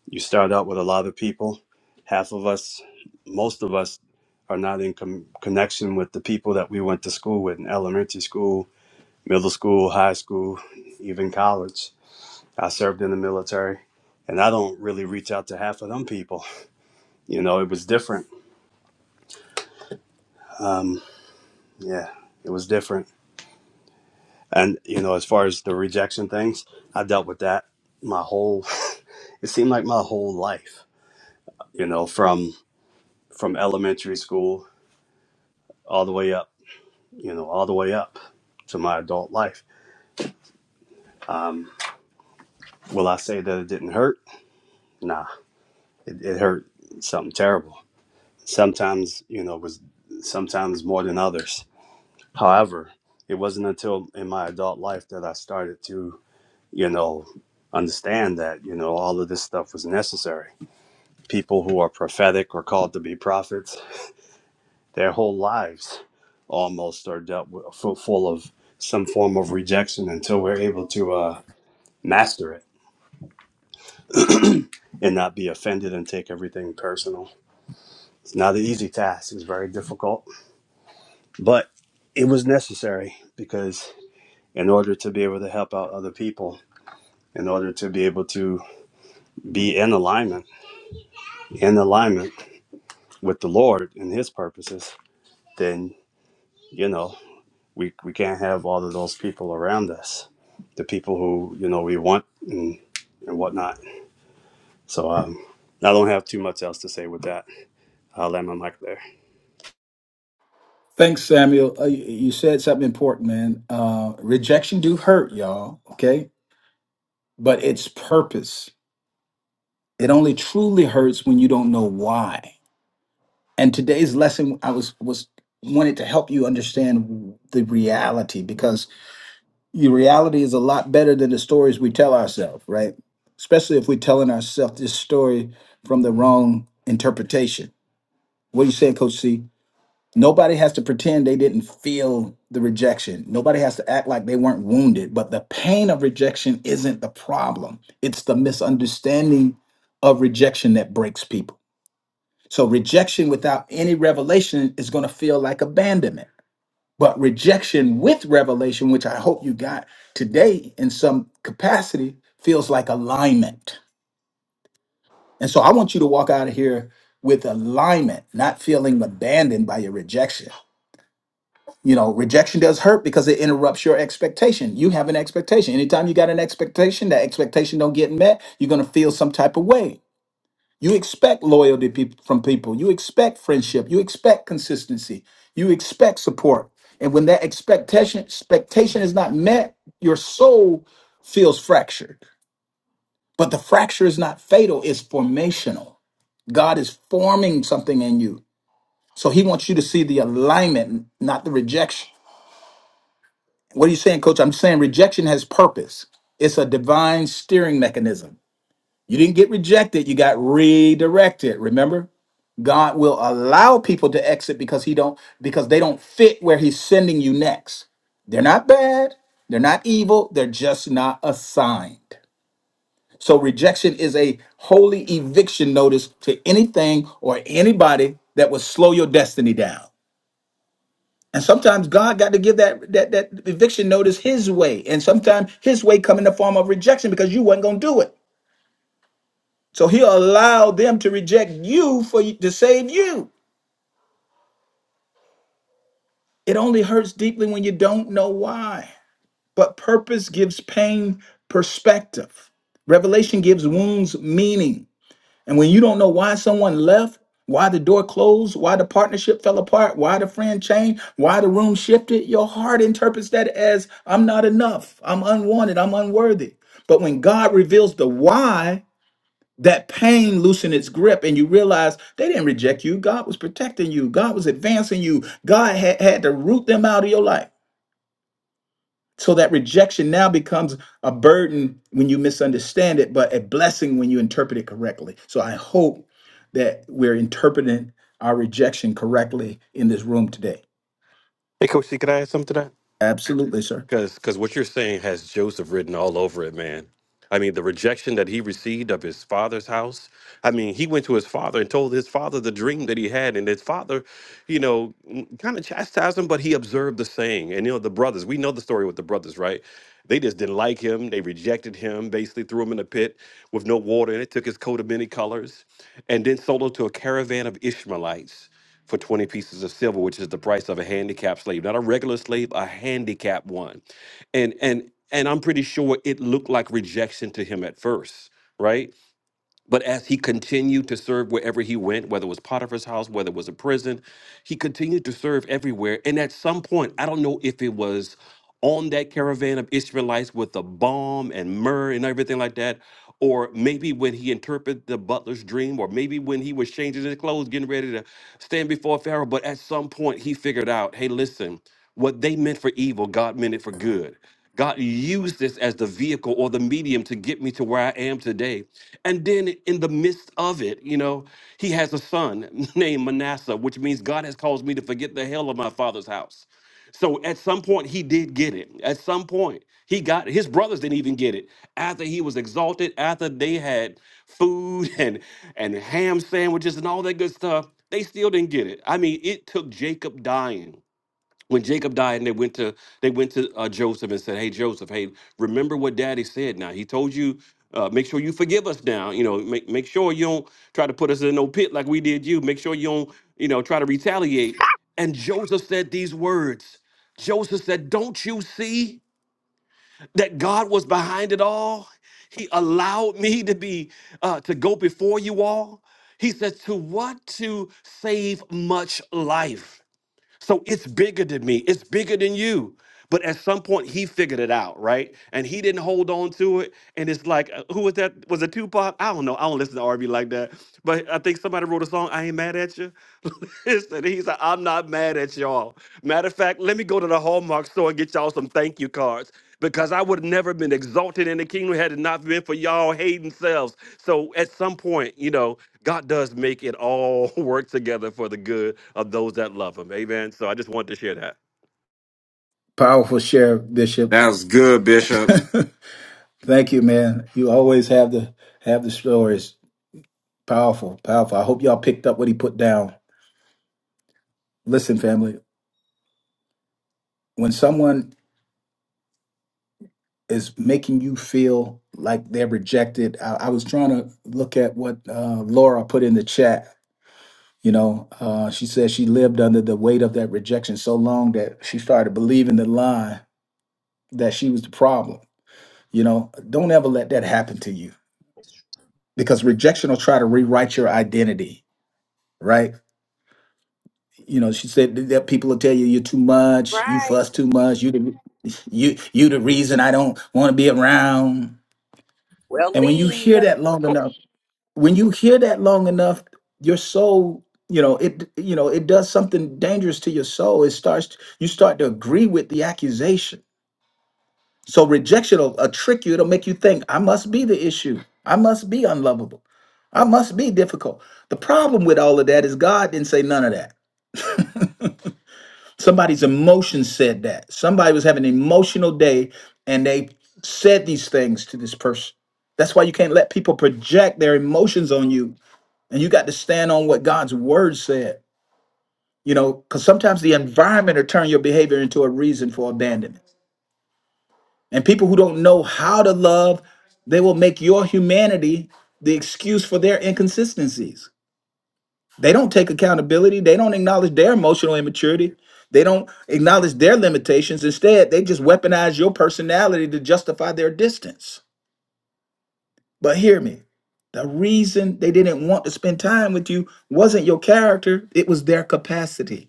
[SPEAKER 9] You start out with a lot of people. Half of us, most of us, are not in com- connection with the people that we went to school with in elementary school, middle school, high school, even college. I served in the military, and I don't really reach out to half of them people. You know, it was different. Um, yeah, it was different And you know, as far as the rejection things, I dealt with that my whole it seemed like my whole life, you know, from from elementary school all the way up, you know, all the way up to my adult life. Um, will I say that it didn't hurt? Nah, it, it hurt something terrible. Sometimes, you know, it was sometimes more than others. However, it wasn't until in my adult life that I started to, you know, understand that, you know, all of this stuff was necessary people who are prophetic or called to be prophets, their whole lives almost are dealt with, fu- full of some form of rejection until we're able to uh, master it and not be offended and take everything personal. It's not an easy task, it's very difficult, but it was necessary because in order to be able to help out other people, in order to be able to be in alignment, in alignment with the Lord and His purposes, then you know we we can't have all of those people around us, the people who you know we want and and whatnot. So um, I don't have too much else to say with that. I'll land my mic there.
[SPEAKER 1] Thanks, Samuel. Uh, you you said something important, man. Uh, rejection do hurt, y'all. Okay, but it's purpose. It only truly hurts when you don't know why. And today's lesson, I was was wanted to help you understand the reality because your reality is a lot better than the stories we tell ourselves, right? Especially if we're telling ourselves this story from the wrong interpretation. What are you saying, Coach C? Nobody has to pretend they didn't feel the rejection. Nobody has to act like they weren't wounded. But the pain of rejection isn't the problem, it's the misunderstanding of rejection that breaks people. So, rejection without any revelation is going to feel like abandonment. But rejection with revelation, which I hope you got today in some capacity, feels like alignment. And so, I want you to walk out of here with alignment, not feeling abandoned by your rejection. You know, rejection does hurt because it interrupts your expectation. You have an expectation. Anytime you got an expectation, that expectation don't get met, you're going to feel some type of way. You expect loyalty peop from people. You expect friendship. You expect consistency. You expect support. And when that expectation expectation is not met, your soul feels fractured. But the fracture is not fatal, it's formational. God is forming something in you. So he wants you to see the alignment, not the rejection. What are you saying, coach? I'm saying rejection has purpose. It's a divine steering mechanism. You didn't get rejected, you got redirected. Remember? God will allow people to exit because he don't because they don't fit where he's sending you next. They're not bad, they're not evil, they're just not assigned. So rejection is a holy eviction notice to anything or anybody that would slow your destiny down. And sometimes God got to give that that that eviction notice His way, and sometimes His way come in the form of rejection because you wasn't gonna do it. So He'll allow them to reject you for you- to save you. It only hurts deeply when you don't know why. But purpose gives pain perspective. Revelation gives wounds meaning. And when you don't know why someone left, why the door closed, why the partnership fell apart, why the friend changed, why the room shifted, your heart interprets that as I'm not enough, I'm unwanted, I'm unworthy. But when God reveals the why, that pain loosen its grip and you realize they didn't reject you. God was protecting you. God was advancing you. God had, had to root them out of your life. So that rejection now becomes a burden when you misunderstand it, but a blessing when you interpret it correctly. So I hope that we're interpreting our rejection correctly in this room today.
[SPEAKER 6] Hey, Coach C, can I add something to that?
[SPEAKER 1] Absolutely, sir.
[SPEAKER 6] Because because what you're saying has Joseph written all over it, man. I mean, the rejection that he received of his father's house. I mean, he went to his father and told his father the dream that he had, and his father, you know, kind of chastised him, but he observed the saying. And you know, the brothers. We know the story with the brothers, right? They just didn't like him. They rejected him. Basically, threw him in a pit with no water in it. Took his coat of many colors, and then sold him to a caravan of Ishmaelites for 20 pieces of silver, which is the price of a handicapped slave, not a regular slave, a handicapped one. And and and I'm pretty sure it looked like rejection to him at first, right? But as he continued to serve wherever he went, whether it was Potiphar's house, whether it was a prison, he continued to serve everywhere. And at some point, I don't know if it was on that caravan of Israelites with the balm and myrrh and everything like that. Or maybe when he interpreted the butler's dream, or maybe when he was changing his clothes, getting ready to stand before Pharaoh. But at some point, he figured out hey, listen, what they meant for evil, God meant it for good. God used this as the vehicle or the medium to get me to where I am today. And then in the midst of it, you know, he has a son named Manasseh, which means God has caused me to forget the hell of my father's house. So at some point he did get it. At some point he got it. His brothers didn't even get it. After he was exalted, after they had food and and ham sandwiches and all that good stuff, they still didn't get it. I mean, it took Jacob dying when Jacob died and they went to they went to uh, Joseph and said, "Hey Joseph, hey, remember what Daddy said. Now he told you, uh, make sure you forgive us. Now you know, make make sure you don't try to put us in no pit like we did you. Make sure you don't you know try to retaliate." And Joseph said these words. Joseph said, "Don't you see that God was behind it all? He allowed me to be uh, to go before you all." He says, "To what to save much life." So it's bigger than me. It's bigger than you. But at some point, he figured it out, right? And he didn't hold on to it. And it's like, uh, who was that? Was it Tupac? I don't know. I don't listen to R&B like that. But I think somebody wrote a song. I ain't mad at you. Listen, he's like, I'm not mad at y'all. Matter of fact, let me go to the Hallmark store and get y'all some thank you cards because I would have never been exalted in the kingdom had it not been for y'all hating selves. So at some point, you know, God does make it all work together for the good of those that love him. Amen. So I just wanted to share that.
[SPEAKER 1] Powerful share, Bishop.
[SPEAKER 5] That was good, Bishop.
[SPEAKER 1] Thank you, man. You always have the have the stories. Powerful, powerful. I hope y'all picked up what he put down. Listen, family, when someone is making you feel like they're rejected. I, I was trying to look at what uh, Laura put in the chat. You know, uh, she said she lived under the weight of that rejection so long that she started believing the lie that she was the problem. You know, don't ever let that happen to you because rejection will try to rewrite your identity, right? You know, she said th- that people will tell you you're too much, you
[SPEAKER 3] Right.
[SPEAKER 1] fuss too much, you the, you you the reason I don't want to be around.
[SPEAKER 3] We'll
[SPEAKER 1] And when you
[SPEAKER 3] leave.
[SPEAKER 1] hear that long enough, when you hear that long enough your soul you know it you know it does something dangerous to your soul it starts you start to agree with the accusation so rejection will, will trick you it'll make you think i must be the issue i must be unlovable i must be difficult the problem with all of that is god didn't say none of that somebody's emotions said that somebody was having an emotional day and they said these things to this person that's why you can't let people project their emotions on you and you got to stand on what God's word said. You know, because sometimes the environment will turn your behavior into a reason for abandonment. And people who don't know how to love, they will make your humanity the excuse for their inconsistencies. They don't take accountability. They don't acknowledge their emotional immaturity. They don't acknowledge their limitations. Instead, they just weaponize your personality to justify their distance. But hear me the reason they didn't want to spend time with you wasn't your character, it was their capacity.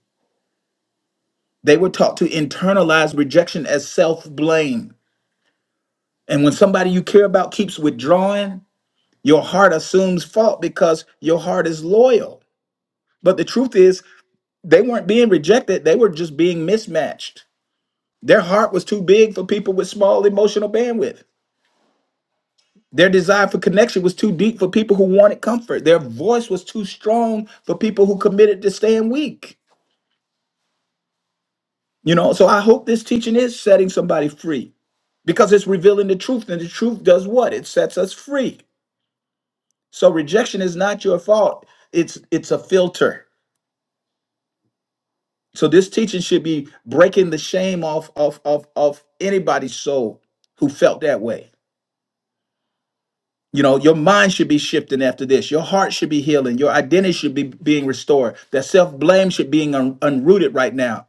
[SPEAKER 1] They were taught to internalize rejection as self blame. And when somebody you care about keeps withdrawing, your heart assumes fault because your heart is loyal. But the truth is, they weren't being rejected, they were just being mismatched. Their heart was too big for people with small emotional bandwidth. Their desire for connection was too deep for people who wanted comfort. Their voice was too strong for people who committed to staying weak. You know, so I hope this teaching is setting somebody free because it's revealing the truth and the truth does what it sets us free so rejection is not your fault it's it's a filter so this teaching should be breaking the shame off of of of anybody's soul who felt that way you know your mind should be shifting after this your heart should be healing your identity should be being restored that self-blame should be un- unrooted right now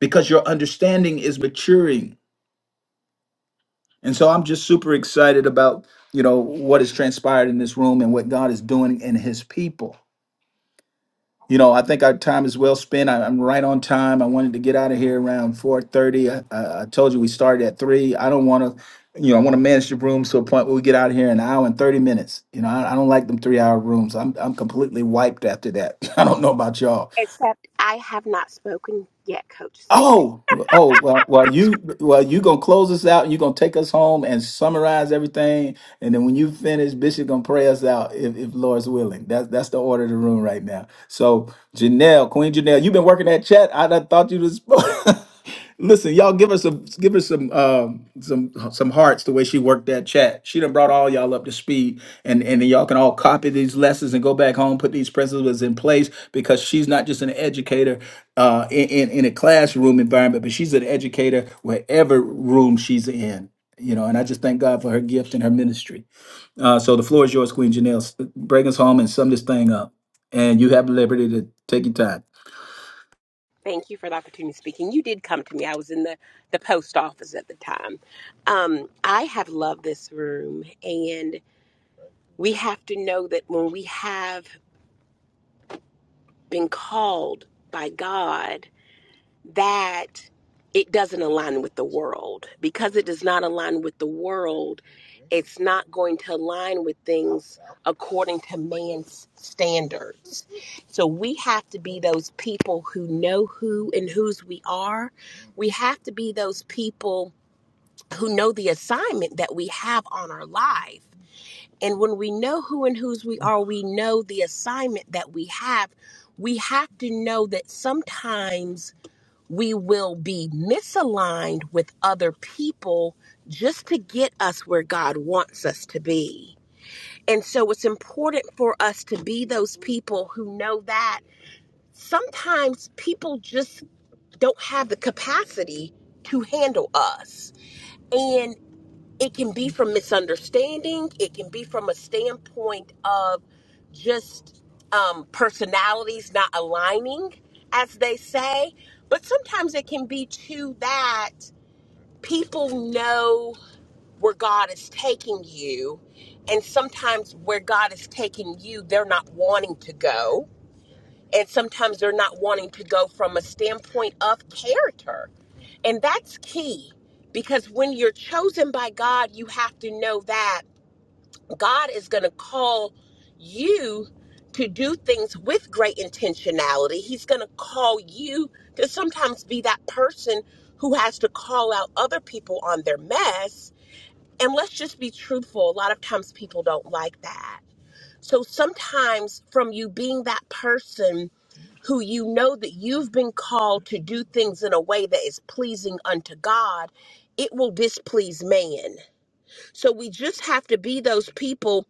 [SPEAKER 1] because your understanding is maturing and so i'm just super excited about you know what has transpired in this room and what god is doing in his people you know, I think our time is well spent. I, I'm right on time. I wanted to get out of here around 4:30. I, I, I told you we started at three. I don't want to, you know, I want to manage the rooms to a point where we get out of here in an hour and 30 minutes. You know, I, I don't like them three-hour rooms. I'm I'm completely wiped after that. I don't know about y'all.
[SPEAKER 3] Except I have not spoken yet, Coach C.
[SPEAKER 1] Oh, oh, well, well, you, well, you gonna close us out, and you gonna take us home and summarize everything, and then when you finish, Bishop gonna pray us out if, if Lord's willing. That's that's the order of the room right now. So, Janelle, Queen Janelle, you've been working that chat. I done thought you was. Listen, y'all give us some give us some um some some hearts the way she worked that chat. She done brought all y'all up to speed and and then y'all can all copy these lessons and go back home, put these principles in place because she's not just an educator uh in, in, in a classroom environment, but she's an educator wherever room she's in. You know, and I just thank God for her gift and her ministry. Uh, so the floor is yours, Queen Janelle. S- Bring us home and sum this thing up. And you have liberty to take your time.
[SPEAKER 3] Thank you for the opportunity of speaking. You did come to me. I was in the, the post office at the time. Um, I have loved this room, and we have to know that when we have been called by God that it doesn't align with the world. Because it does not align with the world, it's not going to align with things according to man's standards. So we have to be those people who know who and whose we are. We have to be those people who know the assignment that we have on our life. And when we know who and whose we are, we know the assignment that we have. We have to know that sometimes we will be misaligned with other people just to get us where God wants us to be. And so it's important for us to be those people who know that sometimes people just don't have the capacity to handle us. and it can be from misunderstanding it can be from a standpoint of just um, personalities not aligning as they say but sometimes it can be too that people know where god is taking you and sometimes where god is taking you they're not wanting to go and sometimes they're not wanting to go from a standpoint of character and that's key because when you're chosen by god you have to know that God is going to call you to do things with great intentionality. He's going to call you to sometimes be that person who has to call out other people on their mess. And let's just be truthful, a lot of times people don't like that. So sometimes, from you being that person who you know that you've been called to do things in a way that is pleasing unto God, it will displease man. So we just have to be those people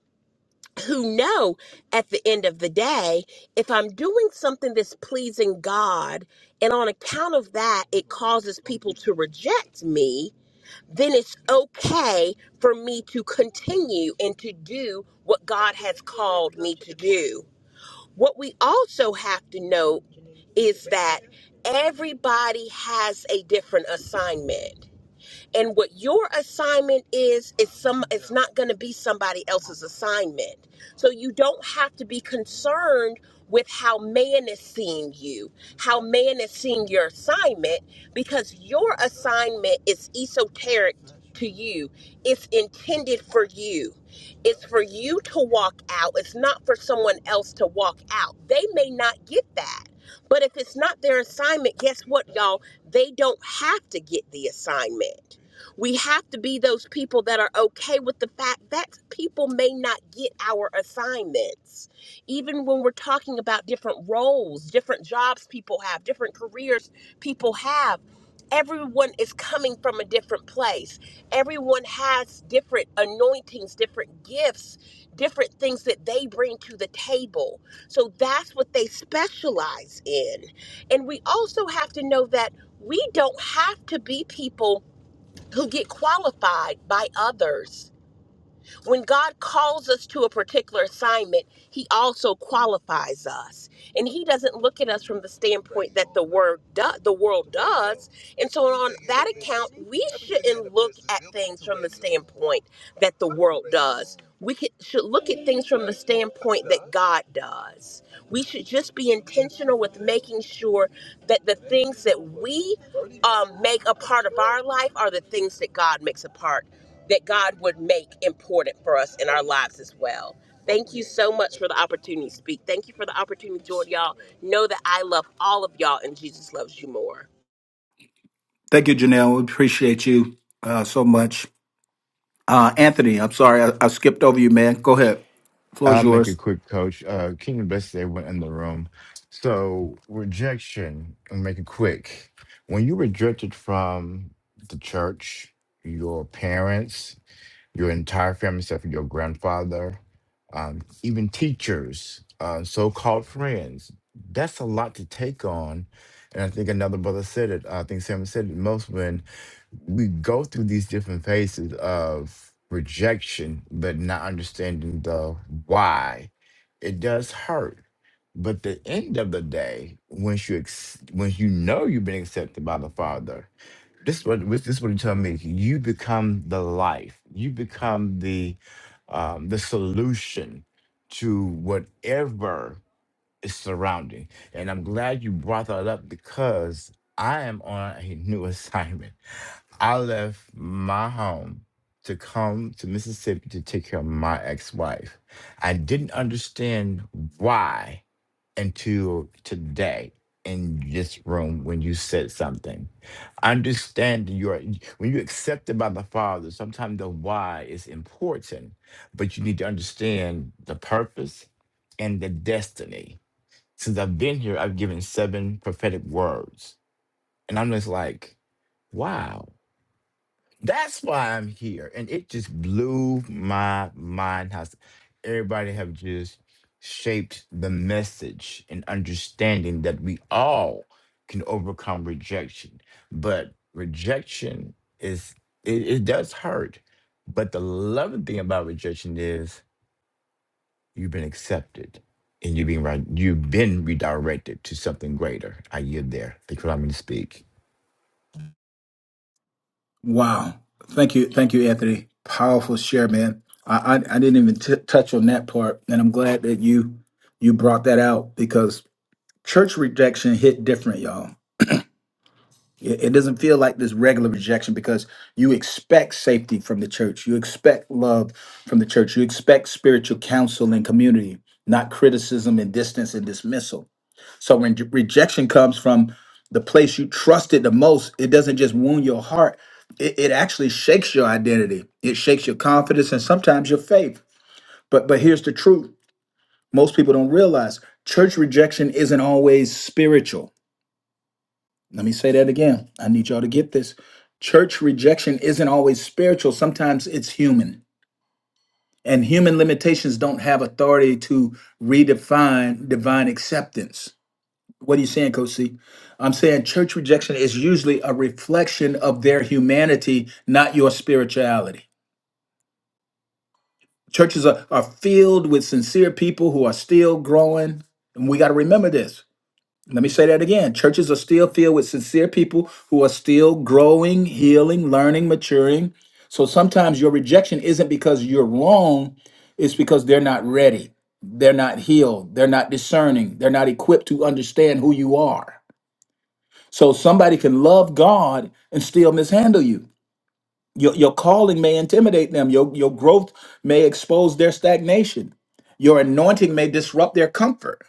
[SPEAKER 3] who know at the end of the day if I'm doing something that's pleasing God, and on account of that, it causes people to reject me, then it's okay for me to continue and to do what God has called me to do. What we also have to note is that everybody has a different assignment and what your assignment is is some it's not going to be somebody else's assignment so you don't have to be concerned with how man is seeing you how man is seeing your assignment because your assignment is esoteric to you it's intended for you it's for you to walk out it's not for someone else to walk out they may not get that but if it's not their assignment guess what y'all they don't have to get the assignment we have to be those people that are okay with the fact that people may not get our assignments. Even when we're talking about different roles, different jobs people have, different careers people have, everyone is coming from a different place. Everyone has different anointings, different gifts, different things that they bring to the table. So that's what they specialize in. And we also have to know that we don't have to be people who get qualified by others. When God calls us to a particular assignment, He also qualifies us, and He doesn't look at us from the standpoint that the word do- the world does. And so, on that account, we shouldn't look at things from the standpoint that the world does. We could, should look at things from the standpoint that God does. We should just be intentional with making sure that the things that we um, make a part of our life are the things that God makes a part, that God would make important for us in our lives as well. Thank you so much for the opportunity to speak. Thank you for the opportunity, Jordan. Y'all know that I love all of y'all and Jesus loves you more.
[SPEAKER 1] Thank you, Janelle. We appreciate you uh, so much. Uh, Anthony, I'm sorry, I, I skipped over you, man. Go ahead. Floor is
[SPEAKER 7] I'll make it
[SPEAKER 1] yours.
[SPEAKER 7] quick, Coach. Uh, King and Bessie went in the room. So rejection, and make it quick. When you rejected from the church, your parents, your entire family, except for your grandfather, um, even teachers, uh, so-called friends, that's a lot to take on. And I think another brother said it. I think Sam said it most when we go through these different phases of rejection, but not understanding the why. It does hurt. But the end of the day, once you ex- once you know you've been accepted by the Father, this is what this is what he told me. You become the life. You become the um, the solution to whatever is surrounding. And I'm glad you brought that up because I am on a new assignment. I left my home to come to Mississippi to take care of my ex-wife. I didn't understand why until today in this room when you said something. Understand your when you're accepted by the Father, sometimes the why is important, but you need to understand the purpose and the destiny. Since I've been here, I've given seven prophetic words. And I'm just like, wow. That's why I'm here. And it just blew my mind how s- everybody have just shaped the message and understanding that we all can overcome rejection. But rejection is it, it does hurt. But the loving thing about rejection is you've been accepted and you've been right you've been redirected to something greater. I yield there. Thank you for allowing me to speak.
[SPEAKER 1] Wow. Thank you. Thank you, Anthony. Powerful share, man. I, I, I didn't even t- touch on that part. And I'm glad that you you brought that out because church rejection hit different, y'all. It, it doesn't feel like this regular rejection because you expect safety from the church. You expect love from the church. You expect spiritual counsel and community, not criticism and distance and dismissal. So when j- rejection comes from the place you trusted the most, it doesn't just wound your heart. It, it actually shakes your identity. It shakes your confidence and sometimes your faith. But but here's the truth. Most people don't realize church rejection isn't always spiritual. Let me say that again. I need y'all to get this. Church rejection isn't always spiritual. Sometimes it's human. And human limitations don't have authority to redefine divine acceptance. What are you saying, Coach C? I'm saying church rejection is usually a reflection of their humanity, not your spirituality. Churches are, are filled with sincere people who are still growing. And we got to remember this. Let me say that again. Churches are still filled with sincere people who are still growing, healing, learning, maturing. So sometimes your rejection isn't because you're wrong, it's because they're not ready. They're not healed. They're not discerning. They're not equipped to understand who you are. So somebody can love God and still mishandle you. Your, your calling may intimidate them. Your, your growth may expose their stagnation. Your anointing may disrupt their comfort.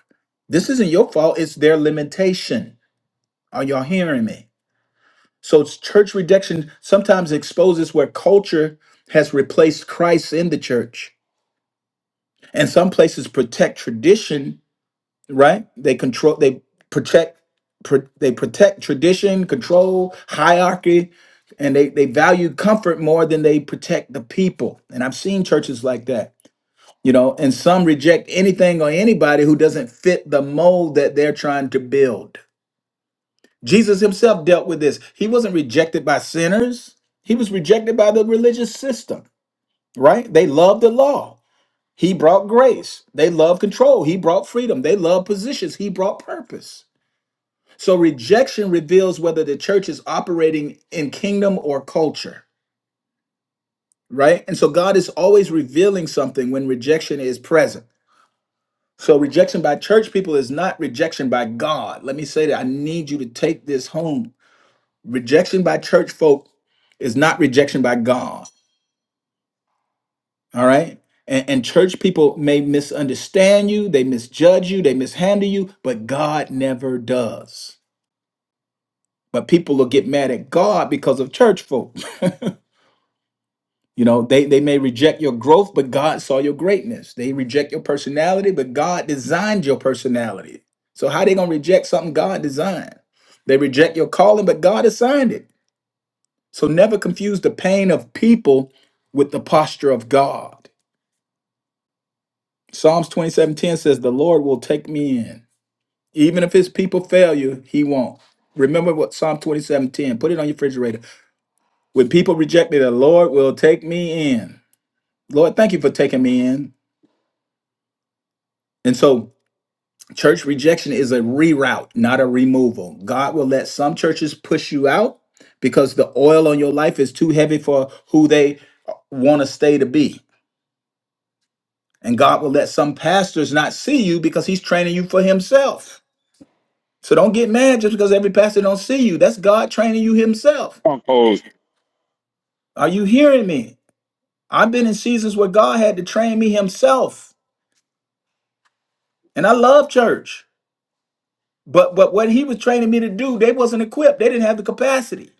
[SPEAKER 1] This isn't your fault, it's their limitation. Are y'all hearing me? So it's church rejection sometimes exposes where culture has replaced Christ in the church. And some places protect tradition right? They control, they protect, pr- they protect tradition, control, hierarchy, and they they value comfort more than they protect the people. And I've seen churches like that, you know. And some reject anything or anybody who doesn't fit the mold that they're trying to build. Jesus himself dealt with this. He wasn't rejected by sinners. He was rejected by the religious system, right? They loved the law. He brought grace. They loved control. He brought freedom. They loved positions. He brought purpose so rejection reveals whether the church is operating in kingdom or culture, right? And so God is always revealing something when rejection is present. So rejection by church people is not rejection by God. Let me say that. I need you to take this home. Rejection by church folk is not rejection by God, all right? And, and church people may misunderstand you, they misjudge you, they mishandle you, but God never does. But people will get mad at God because of church folk. You know, they, they may reject your growth, but God saw your greatness. They reject your personality, but God designed your personality. So how they gonna reject something God designed? They reject your calling, but God assigned it. So never confuse the pain of people with the posture of God. Psalms 27:10 says, The Lord will take me in. Even if his people fail you, he won't. Remember what Psalm 27:10, put it on your refrigerator. When people reject me, the Lord will take me in. Lord, thank you for taking me in. And so Church rejection is a reroute, not a removal. God will let some churches push you out because the oil on your life is too heavy for who they want to stay to be. And God will let some pastors not see you because he's training you for himself. So don't get mad just because every pastor don't see you. That's God training you himself. Are you hearing me? I've been in seasons where God had to train me himself. And I love church. But but what he was training me to do, they wasn't equipped. They didn't have the capacity.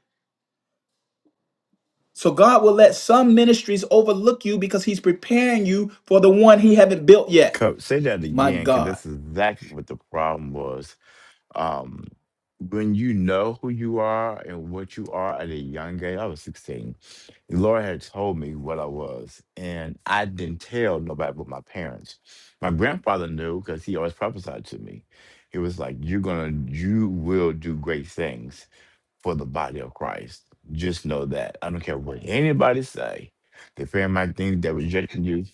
[SPEAKER 1] So God will let some ministries overlook you because he's preparing you for the one he haven't built yet.
[SPEAKER 7] Co- Say that
[SPEAKER 1] My
[SPEAKER 7] again, because
[SPEAKER 1] God.
[SPEAKER 7] that's exactly what the problem was Um, when you know who you are and what you are at a young age, I was 16. The Lord had told me what I was, and I didn't tell nobody but my parents. My grandfather knew because he always prophesied to me. He was like, You're gonna, you will do great things for the body of Christ. Just know that. I don't care what anybody say. The fear might think they're rejecting you,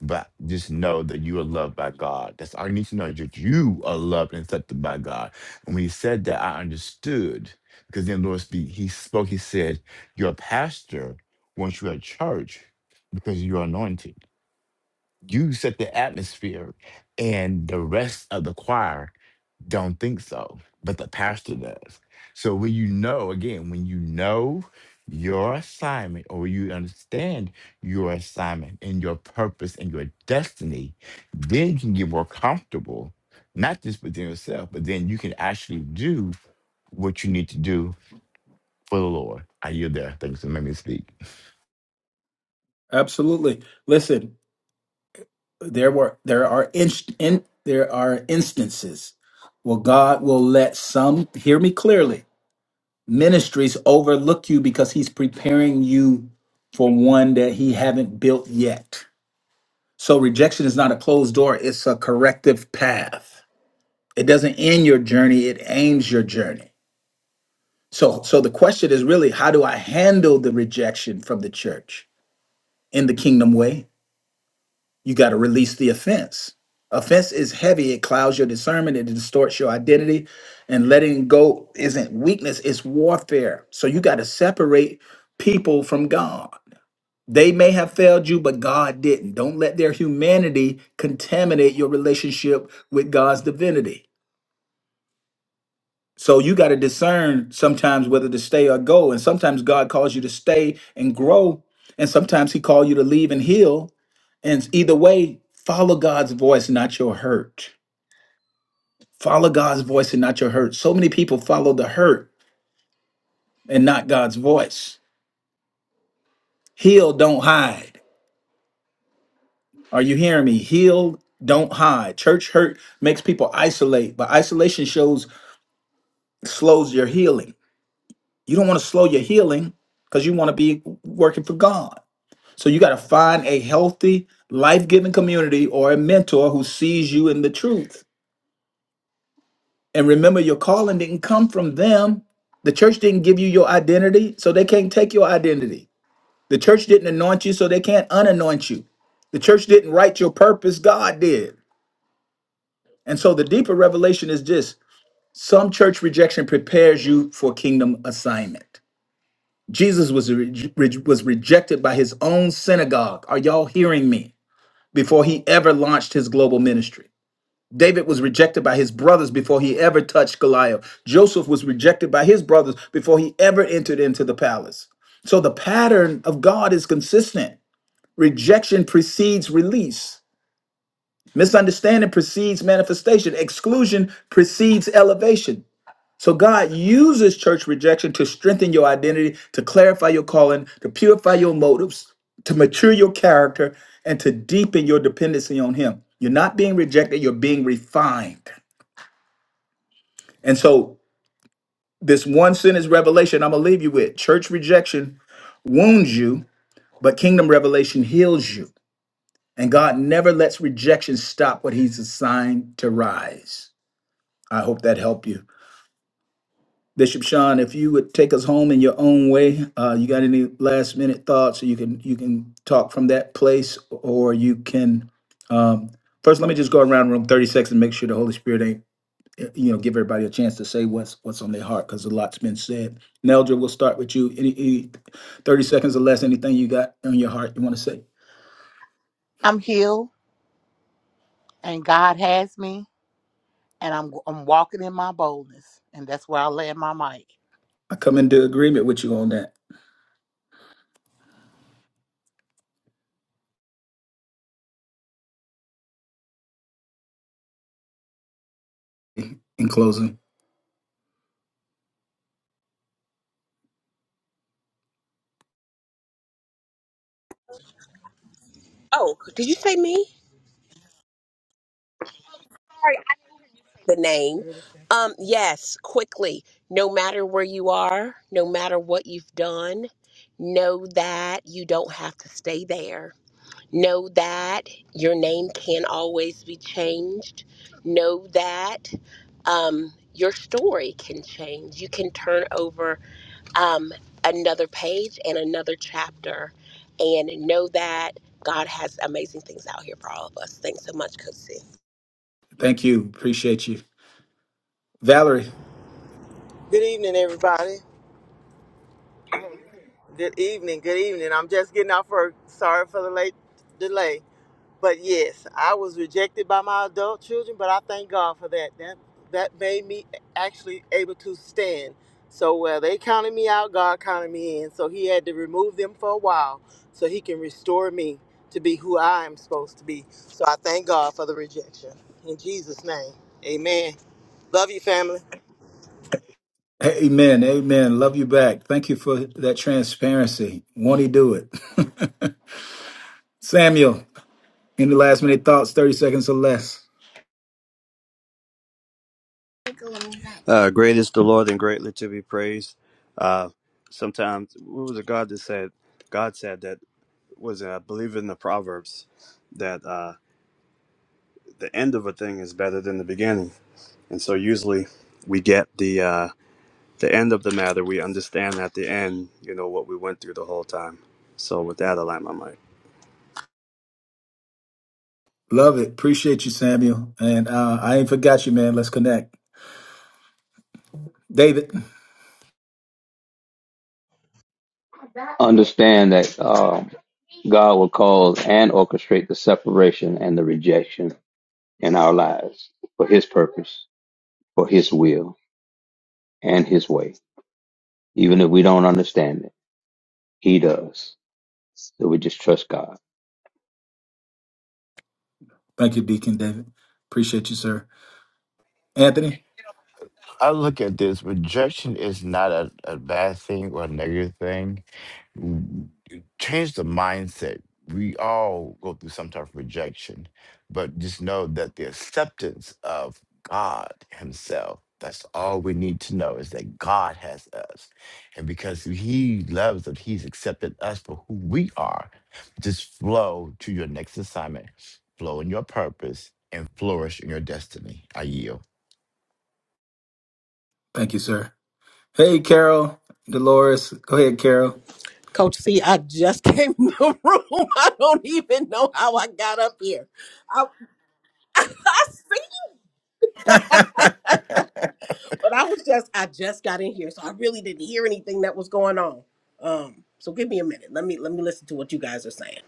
[SPEAKER 7] but just know that you are loved by God. That's all you need to know is that you are loved and accepted by God and when he said that, I understood because then the Lord speak. He spoke. He said, "Your pastor wants you at church because you're anointed. You set the atmosphere, and the rest of the choir don't think so, but the pastor does. So when you know, again, when you know your assignment or you understand your assignment and your purpose and your destiny, then you can get more comfortable, not just within yourself, but then you can actually do what you need to do for the Lord. Are you there? Thanks for letting me speak.
[SPEAKER 1] Absolutely. Listen, there were there are inst in, there are instances where God will let some hear me clearly. Ministries overlook you because he's preparing you for one that he haven't built yet. So rejection is not a closed door, it's a corrective path. It doesn't end your journey, it aims your journey. So, so the question is really, how do I handle the rejection from the church in the kingdom way? You got to release the offense. Offense is heavy; it clouds your discernment, it distorts your identity, and letting go isn't weakness; it's warfare. So you got to separate people from God. They may have failed you, but God didn't. Don't let their humanity contaminate your relationship with God's divinity. So you got to discern sometimes whether to stay or go. And sometimes God calls you to stay and grow. And sometimes he calls you to leave and heal. And either way, follow God's voice, not your hurt. Follow God's voice and not your hurt. So many people follow the hurt and not God's voice. Heal, don't hide. Are you hearing me? Heal, don't hide. Church hurt makes people isolate, but isolation shows slows your healing. You don't want to slow your healing because you want to be working for God. So you got to find a healthy, life giving community or a mentor who sees you in the truth. And remember, your calling didn't come from them. The church didn't give you your identity, so they can't take your identity. The church didn't anoint you, so they can't unanoint you. The church didn't write your purpose, God did. And so the deeper revelation is this some church rejection prepares you for kingdom assignment. Jesus was, re- re- was rejected by his own synagogue. Are y'all hearing me? before he ever launched his global ministry. David was rejected by his brothers before he ever touched Goliath. Joseph was rejected by his brothers before he ever entered into the palace. So the pattern of God is consistent. Rejection precedes release. Misunderstanding precedes manifestation. Exclusion precedes elevation. So God uses church rejection to strengthen your identity, to clarify your calling, to purify your motives, to mature your character, and to deepen your dependency on Him. You're not being rejected, you're being refined. And so, this one sentence revelation I'm gonna leave you with church rejection wounds you, but kingdom revelation heals you. And God never lets rejection stop what He's assigned to rise. I hope that helped you. Bishop Sean, if you would take us home in your own way, uh, you got any last minute thoughts? You can you can talk from that place, or you can um, first. Let me just go around room thirty seconds and make sure the Holy Spirit ain't you know give everybody a chance to say what's what's on their heart because a lot's been said. Neldra, we'll start with you. Any, any thirty seconds or less, anything you got on your heart you want to say?
[SPEAKER 2] I'm healed and God has me and I'm I'm walking in my boldness. And that's where I land my mic.
[SPEAKER 1] I come into agreement with you on that. In closing,
[SPEAKER 3] Oh, did you say me? The name. Um, yes, quickly. No matter where you are, no matter what you've done, know that you don't have to stay there Know that your name can always be changed. Know that um, your story can change. You can turn over um, another page and another chapter and know that God has amazing things out here for all of us. Thanks so much, Coach C.
[SPEAKER 1] thank you, appreciate you, Valerie.
[SPEAKER 10] Good evening, everybody. Good evening. Good evening. I'm just getting off work. Sorry for the late delay, but yes, I was rejected by my adult children, but I thank God for that. That that made me actually able to stand. So where they counted me out, God counted me in. So He had to remove them for a while, so He can restore me to be who I am supposed to be. So I thank God for the rejection. In Jesus' name, Amen. Love you, family.
[SPEAKER 1] Amen. Amen. Love you back. Thank you for that transparency. Won't he do it? Samuel, any last minute thoughts? 30 seconds or less.
[SPEAKER 9] Uh, great is the Lord and greatly to be praised. Uh, sometimes what was it God that said? God said that was it, I believe in the Proverbs that uh, the end of a thing is better than the beginning, and so usually we get the uh, the end of the matter, we understand at the end, you know, what we went through the whole time. So with that, I like my mic.
[SPEAKER 1] Love it. Appreciate you, Samuel. And uh, I ain't forgot you, man. Let's connect. David.
[SPEAKER 4] Understand that um, God will cause and orchestrate the separation and the rejection in our lives for His purpose, for His will, and His way. Even if we don't understand it, He does. So we just trust God.
[SPEAKER 1] Thank you, Deacon David. Appreciate you, sir. Anthony.
[SPEAKER 7] I look at this rejection is not a, a bad thing or a negative thing w- change the mindset. We all go through some type of rejection, but just know that the acceptance of God Himself. That's all we need to know is that God has us. And because He loves us, He's accepted us for who we are. Just flow to your next assignment, flow in your purpose, and flourish in your destiny. I yield.
[SPEAKER 1] Thank you, sir. Hey, Carol. Dolores. Go ahead, Carol.
[SPEAKER 11] Coach C, I just came in the room. I don't even know how I got up here. I, I see, but I was just, I just got in here, so I really didn't hear anything that was going on. Um, so give me a minute. Let me let me listen to what you guys are saying.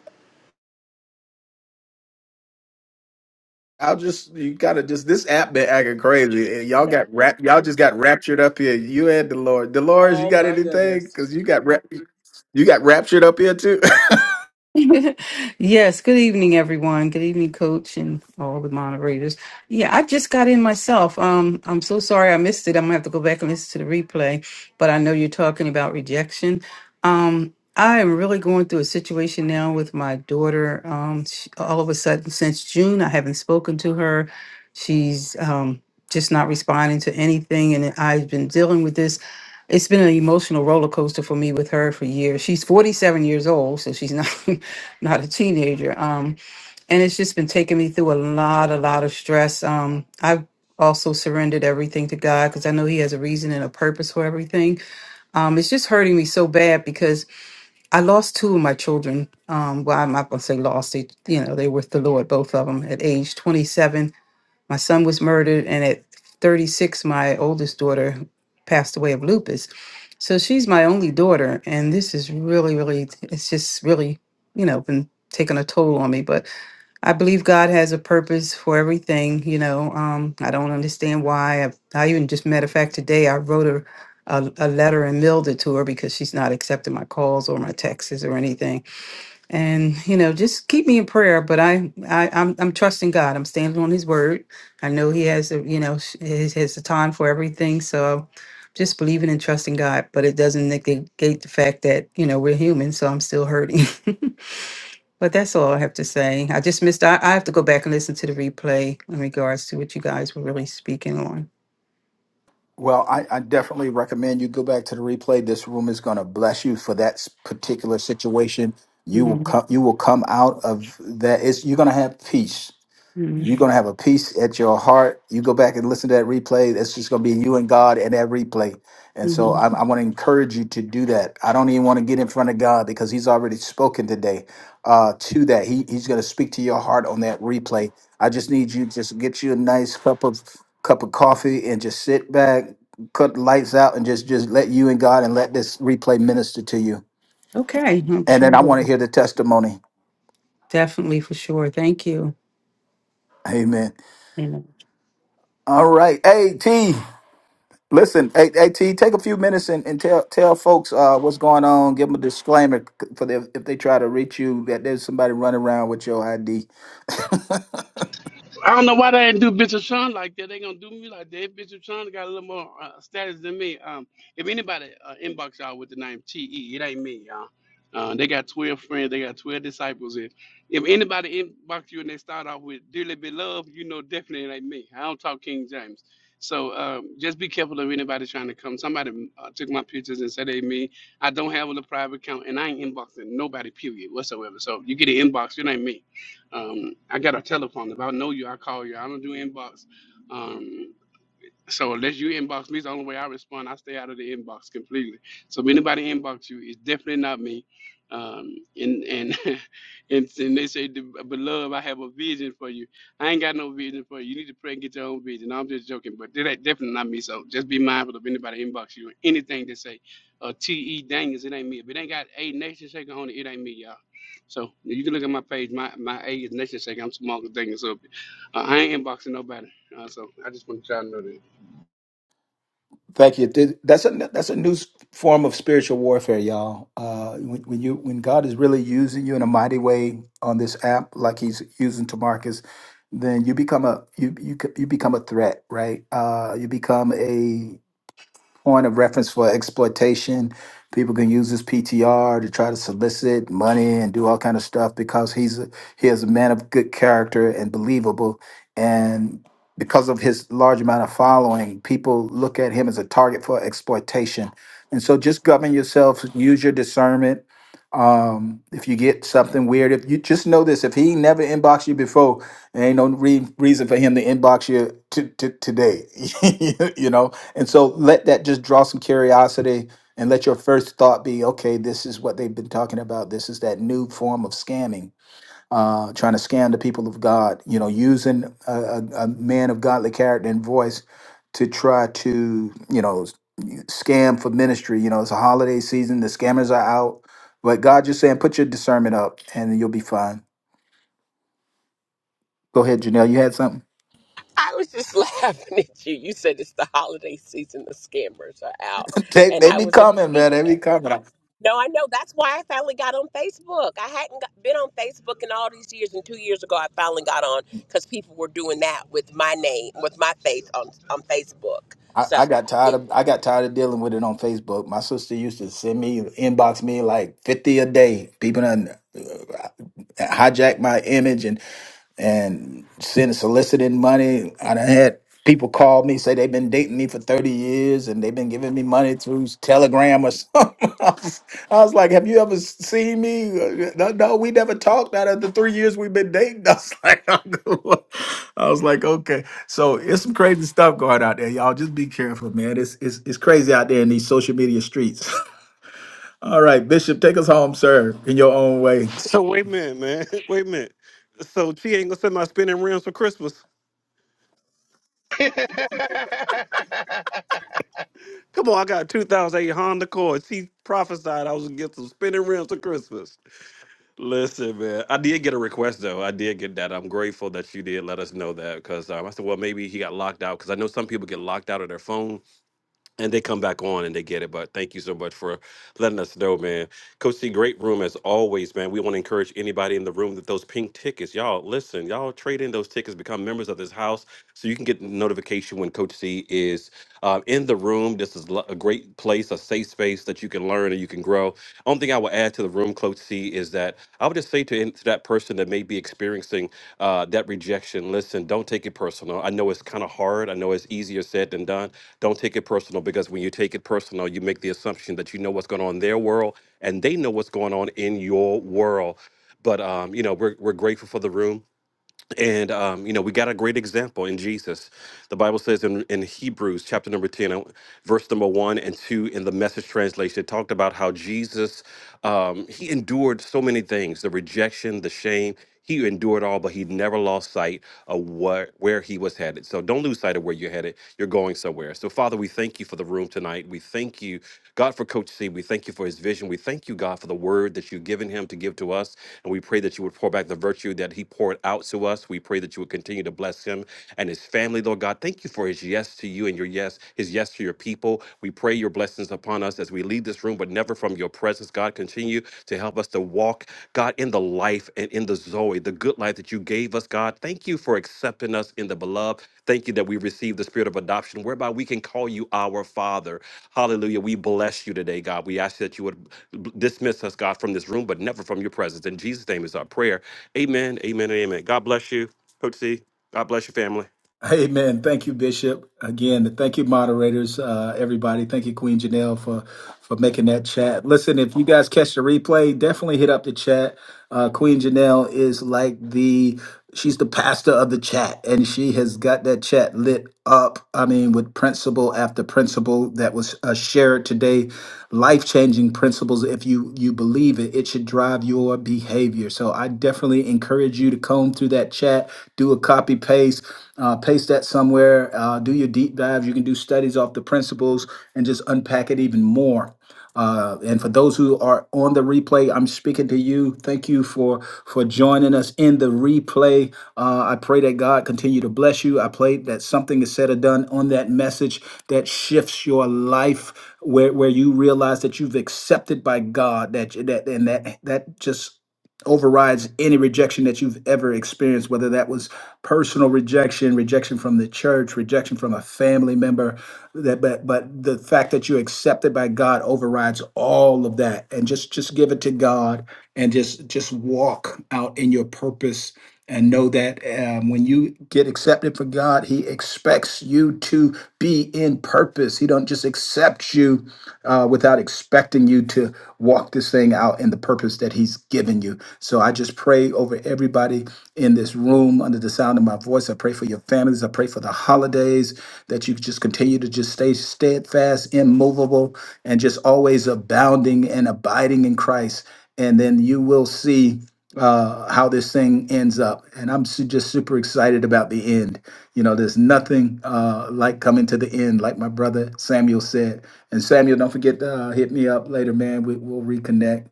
[SPEAKER 1] I'll just you gotta just this app been acting crazy. and Y'all got rap. Y'all just got raptured up here. You and Delores. Delores, you
[SPEAKER 11] Oh
[SPEAKER 1] got
[SPEAKER 11] my
[SPEAKER 1] anything?
[SPEAKER 11] goodness.
[SPEAKER 1] Because you got rap. You got raptured up here too.
[SPEAKER 12] Yes, good evening, everyone. Good evening, coach, and all the moderators. Yeah, I just got in myself. Um, I'm so sorry I missed it. I'm gonna have to go back and listen to the replay, but I know you're talking about rejection. Um, I am really going through a situation now with my daughter. Um, she, all of a sudden, since June, I haven't spoken to her. She's um, just not responding to anything, and I've been dealing with this it's been an emotional roller coaster for me with her for years. She's 47 years old, so she's not not a teenager. Um, and it's just been taking me through a lot, a lot of stress. Um, I've also surrendered everything to God because I know He has a reason and a purpose for everything. Um, it's just hurting me so bad because I lost two of my children. Um, well, I'm not gonna say lost; they, you know, they were with the Lord, both of them at age 27 my son was murdered, and at 36, my oldest daughter passed away of lupus. So she's my only daughter, and this is really, really, it's just really, you know, been taking a toll on me. But I believe God has a purpose for everything. You know, um, I don't understand why. I, I even just matter of fact today I wrote her a, a letter and mailed it to her because she's not accepting my calls or my texts or anything and you know just keep me in prayer but i, I i'm i'm trusting god i'm standing on his word i know he has a you know sh- his has a time for everything so I'm just believing and trusting god but it doesn't negate the fact that you know we're human so i'm still hurting but that's all i have to say i just missed i, I have to go back and listen to the replay in regards to what you guys were really speaking on
[SPEAKER 1] Well, I, I definitely recommend you go back to the replay. This room is going to bless you for that s- particular situation. You will
[SPEAKER 12] hmm
[SPEAKER 1] come. You will come out of that. It's, you're going to have peace.
[SPEAKER 12] hmm
[SPEAKER 1] You're gonna have a peace at your heart. You go back and listen to that replay. That's just gonna be you and God and that replay. And so
[SPEAKER 12] hmm
[SPEAKER 1] I, I want to encourage you to do that. I don't even want to get in front of God because He's already spoken today uh, to that. He, he's gonna speak to your heart on that replay. I just need you just get you a nice cup of cup of coffee and just sit back, cut the lights out, and just just let you and God and let this replay minister to you.
[SPEAKER 12] okay i'm
[SPEAKER 1] And
[SPEAKER 12] sure
[SPEAKER 1] then I want
[SPEAKER 12] we'll-
[SPEAKER 1] to hear the testimony.
[SPEAKER 12] definitely for sure thank you
[SPEAKER 1] Amen. All right, hey T. Listen, A- AT, take a few minutes and, and tell tell folks uh, what's going on. Give them a disclaimer c- for the, if they try to reach you that there's somebody running around with your ID.
[SPEAKER 13] I don't know why they didn't do Bishop Sean like that. They gonna do me like that. Bishop Sean got a little more uh, status than me. Um, if anybody uh, inbox y'all with the name T E, it ain't me, y'all. Uh, they got twelve friends. They got twelve disciples. If if anybody inbox you and they start off with "dearly beloved," you know definitely it ain't me. I don't talk King James. So um, just be careful of anybody trying to come. Somebody uh, took my pictures and said they me. I don't have a private account and I ain't inboxing nobody period whatsoever. So if you get an inbox, it ain't me. Um, I got a telephone. If I know you, I call you. I don't do inbox. Um, so unless you inbox me, it's the only way I respond. I stay out of the inbox completely. So if anybody inbox you, it's definitely not me. Um, and and and, and they say, beloved, I have a vision for you. I ain't got no vision for you. You need to pray and get your own vision. No, I'm just joking, but that ain't definitely not me. So just be mindful of anybody inbox you. Anything they say, uh, T. E. Daniels, it ain't me. If it ain't got a nation shaker on it, it ain't me, y'all. So you can look at my page. My my A is nation shaker. I'm small Daniels. So uh, I ain't inboxing nobody. Uh, so I just want y'all to know that.
[SPEAKER 1] Thank you. Th- That's a that's a new s- form of spiritual warfare, y'all. Uh, when, when you when God is really using you in a mighty way on this app, like He's using Tamarcus, then you become a you you c- you become a threat, right? Uh, you become a point of reference for exploitation. People can use his PTR to try to solicit money and do all kind of stuff because he's a, he is a man of good character and believable. And because of his large amount of following, people look at him as a target for exploitation. And so just govern yourself, use your discernment. Um, if you get something weird, if you just know this, if he never inboxed you before, there Ain't no re- reason for him to inbox you to, to, today, you know. And so let that just draw some curiosity, and let your first thought be, okay, this is what they've been talking about. This is that new form of scamming, uh, trying to scam the people of God. You know, using a, a, a man of godly character and voice to try to, you know, s- scam for ministry. You know, it's a holiday season; the scammers are out. But God just saying, put your discernment up, and you'll be fine. Go ahead, Janelle. You had something.
[SPEAKER 3] I was just laughing at you. You said it's the holiday season, the scammers are out.
[SPEAKER 1] They
[SPEAKER 3] And
[SPEAKER 1] they
[SPEAKER 3] I
[SPEAKER 1] be
[SPEAKER 3] was
[SPEAKER 1] coming, man. They be
[SPEAKER 3] agreeing.
[SPEAKER 1] coming. I,
[SPEAKER 3] No, I know. That's why I finally got on Facebook. I hadn't got, been on Facebook in all these years, and two years ago, I finally got on because people were doing that with my name, with my face on on Facebook.
[SPEAKER 1] I I
[SPEAKER 3] So
[SPEAKER 1] got
[SPEAKER 3] I
[SPEAKER 1] tired
[SPEAKER 3] get it.
[SPEAKER 1] of I got tired of dealing with it on Facebook. My sister used to send me inbox me like fifty a day. People done uh, hijack my image, and and send soliciting money. I done had people call me say they've been dating me for thirty years and they've been giving me money through Telegram or something. I was, I was like, "Have you ever s- seen me? Uh, No, no, we never talked out of the three years we've been dating." I was like, "I was like, okay." So it's some crazy stuff going out there, y'all. Just be careful, man. It's it's it's crazy out there in these social media streets. All right, Bishop, take us home, sir, in your own way.
[SPEAKER 6] So wait a minute, man. Wait a minute. So she ain't gonna send my spinning rims for Christmas. Come on, I got a 2008 Honda Accord. She prophesied I was gonna get some spinning rims for Christmas. Listen, man, I did get a request though. I did get that. I'm grateful that you did let us know that because um, I said, well, maybe he got locked out because I know some people get locked out of their phone and they come back on and they get it. But thank you so much for letting us know, man. Coach C, great room as always, man. We want to encourage anybody in the room that those pink tickets, y'all listen, y'all trade in those tickets, become members of this house, so you can get notification when Coach C is uh, in the room. This is lo- a great place, a safe space that you can learn and you can grow. Only thing I will add to the room, Coach C, is that I would just say to, in- to that person that may be experiencing uh, that rejection, listen, don't take it personal. I know it's kind of hard. I know it's easier said than done don't take it personal because when you take it personal, you make the assumption that you know what's going on in their world and they know what's going on in your world. But um, you know, we're we're grateful for the room and um, you know we got a great example in jesus the bible says in, in hebrews chapter number 10 uh, verse number 1 and 2 in the message translation it talked about how jesus um, he endured so many things the rejection the shame he endured all but he never lost sight of what where he was headed so don't lose sight of where you're headed you're going somewhere so father we thank you for the room tonight we thank you God, for Coach C, we thank you for his vision. We thank you, God, for the word that you've given him to give to us. And we pray that you would pour back the virtue that he poured out to us. We pray that you would continue to bless him and his family, Lord God. Thank you for his yes to you and your yes, his yes to your people. We pray your blessings upon us as we leave this room this room, but never from your presence. God, continue to help us to walk, God, in the life and in the Zoe, the good life that you gave us, God. Thank you for accepting us in the beloved. Thank you that we receive the spirit of adoption, whereby we can call you our Father. Hallelujah. We bless you today, God. We ask that you would b- dismiss us, God, from this room, but never from your presence. In Jesus' name is our prayer. Amen, amen, and amen. God bless you, Coach C. God bless your family.
[SPEAKER 1] Amen. Thank you, Bishop. Again, thank you, moderators, uh, everybody. Thank you, Queen Janelle, for for making that chat. Listen, if you guys catch the replay, definitely hit up the chat. Uh, Queen Janelle is like the she's the pastor of the chat, and she has got that chat lit up. I mean, with principle after principle that was uh, shared today, life changing principles. If you you believe it, it should drive your behavior. So I definitely encourage you to comb through that chat, do a copy paste, uh, paste that somewhere, uh, do your deep dives. You can do studies off the principles and just unpack it even more. Uh, and for those who are on the replay, I'm speaking to you. Thank you for for joining us in the replay. Uh, I pray that God continue to bless you. I pray that something is said or done on that message that shifts your life where where you realize that you've accepted by God that that and that that just overrides any rejection that you've ever experienced whether that was personal rejection rejection from the church rejection from a family member that but but the fact that you're accepted by God overrides all of that and just just give it to God and just just walk out in your purpose and know that um, when you get accepted for God, He expects you to be in purpose. He don't just accept you uh, without expecting you to walk this thing out in the purpose that He's given you. So I just pray over everybody in this room under the sound of my voice. I pray for your families. I pray for the holidays that you just continue to just stay steadfast, immovable, and just always abounding and abiding in Christ and then you will see uh, how this thing ends up. And I'm su- just super excited about the end. You know, there's nothing uh, like coming to the end, like my brother Samuel said. And Samuel, don't forget to uh, hit me up later, man. We, we'll reconnect.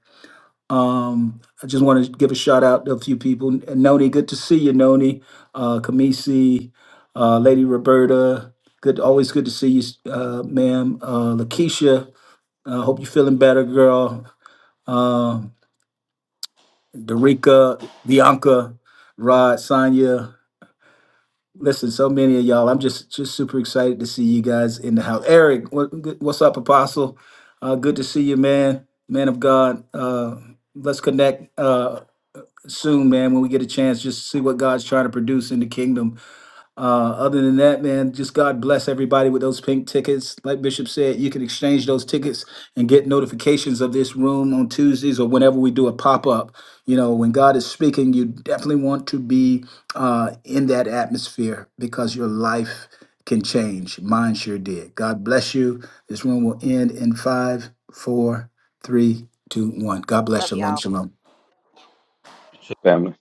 [SPEAKER 1] Um, I just want to give a shout out to a few people. N- Noni, good to see you, Noni. Uh, Kamisi, uh, Lady Roberta, good, always good to see you, uh, ma'am. Uh, Lakeisha, uh, hope you're feeling better, girl. Um, Derica, Bianca, Rod, Sonia. Listen, so many of y'all. I'm just just super excited to see you guys in the house. Eric, what, what's up, Apostle? Uh, good to see you, man. Man of God. Uh, let's connect uh, soon, man. When we get a chance, just see what God's trying to produce in the kingdom uh, other than that, man, just God bless everybody with those pink tickets. Like Bishop said, you can exchange those tickets and get notifications of this room on Tuesdays or whenever we do a pop up. You know, when God is speaking, you definitely want to be uh, in that atmosphere because your life can change. Mine sure did. God bless you. This room will end in five, four, three, two, one. God bless.
[SPEAKER 3] Love y'all.
[SPEAKER 1] Shalom, shalom.
[SPEAKER 4] So Family.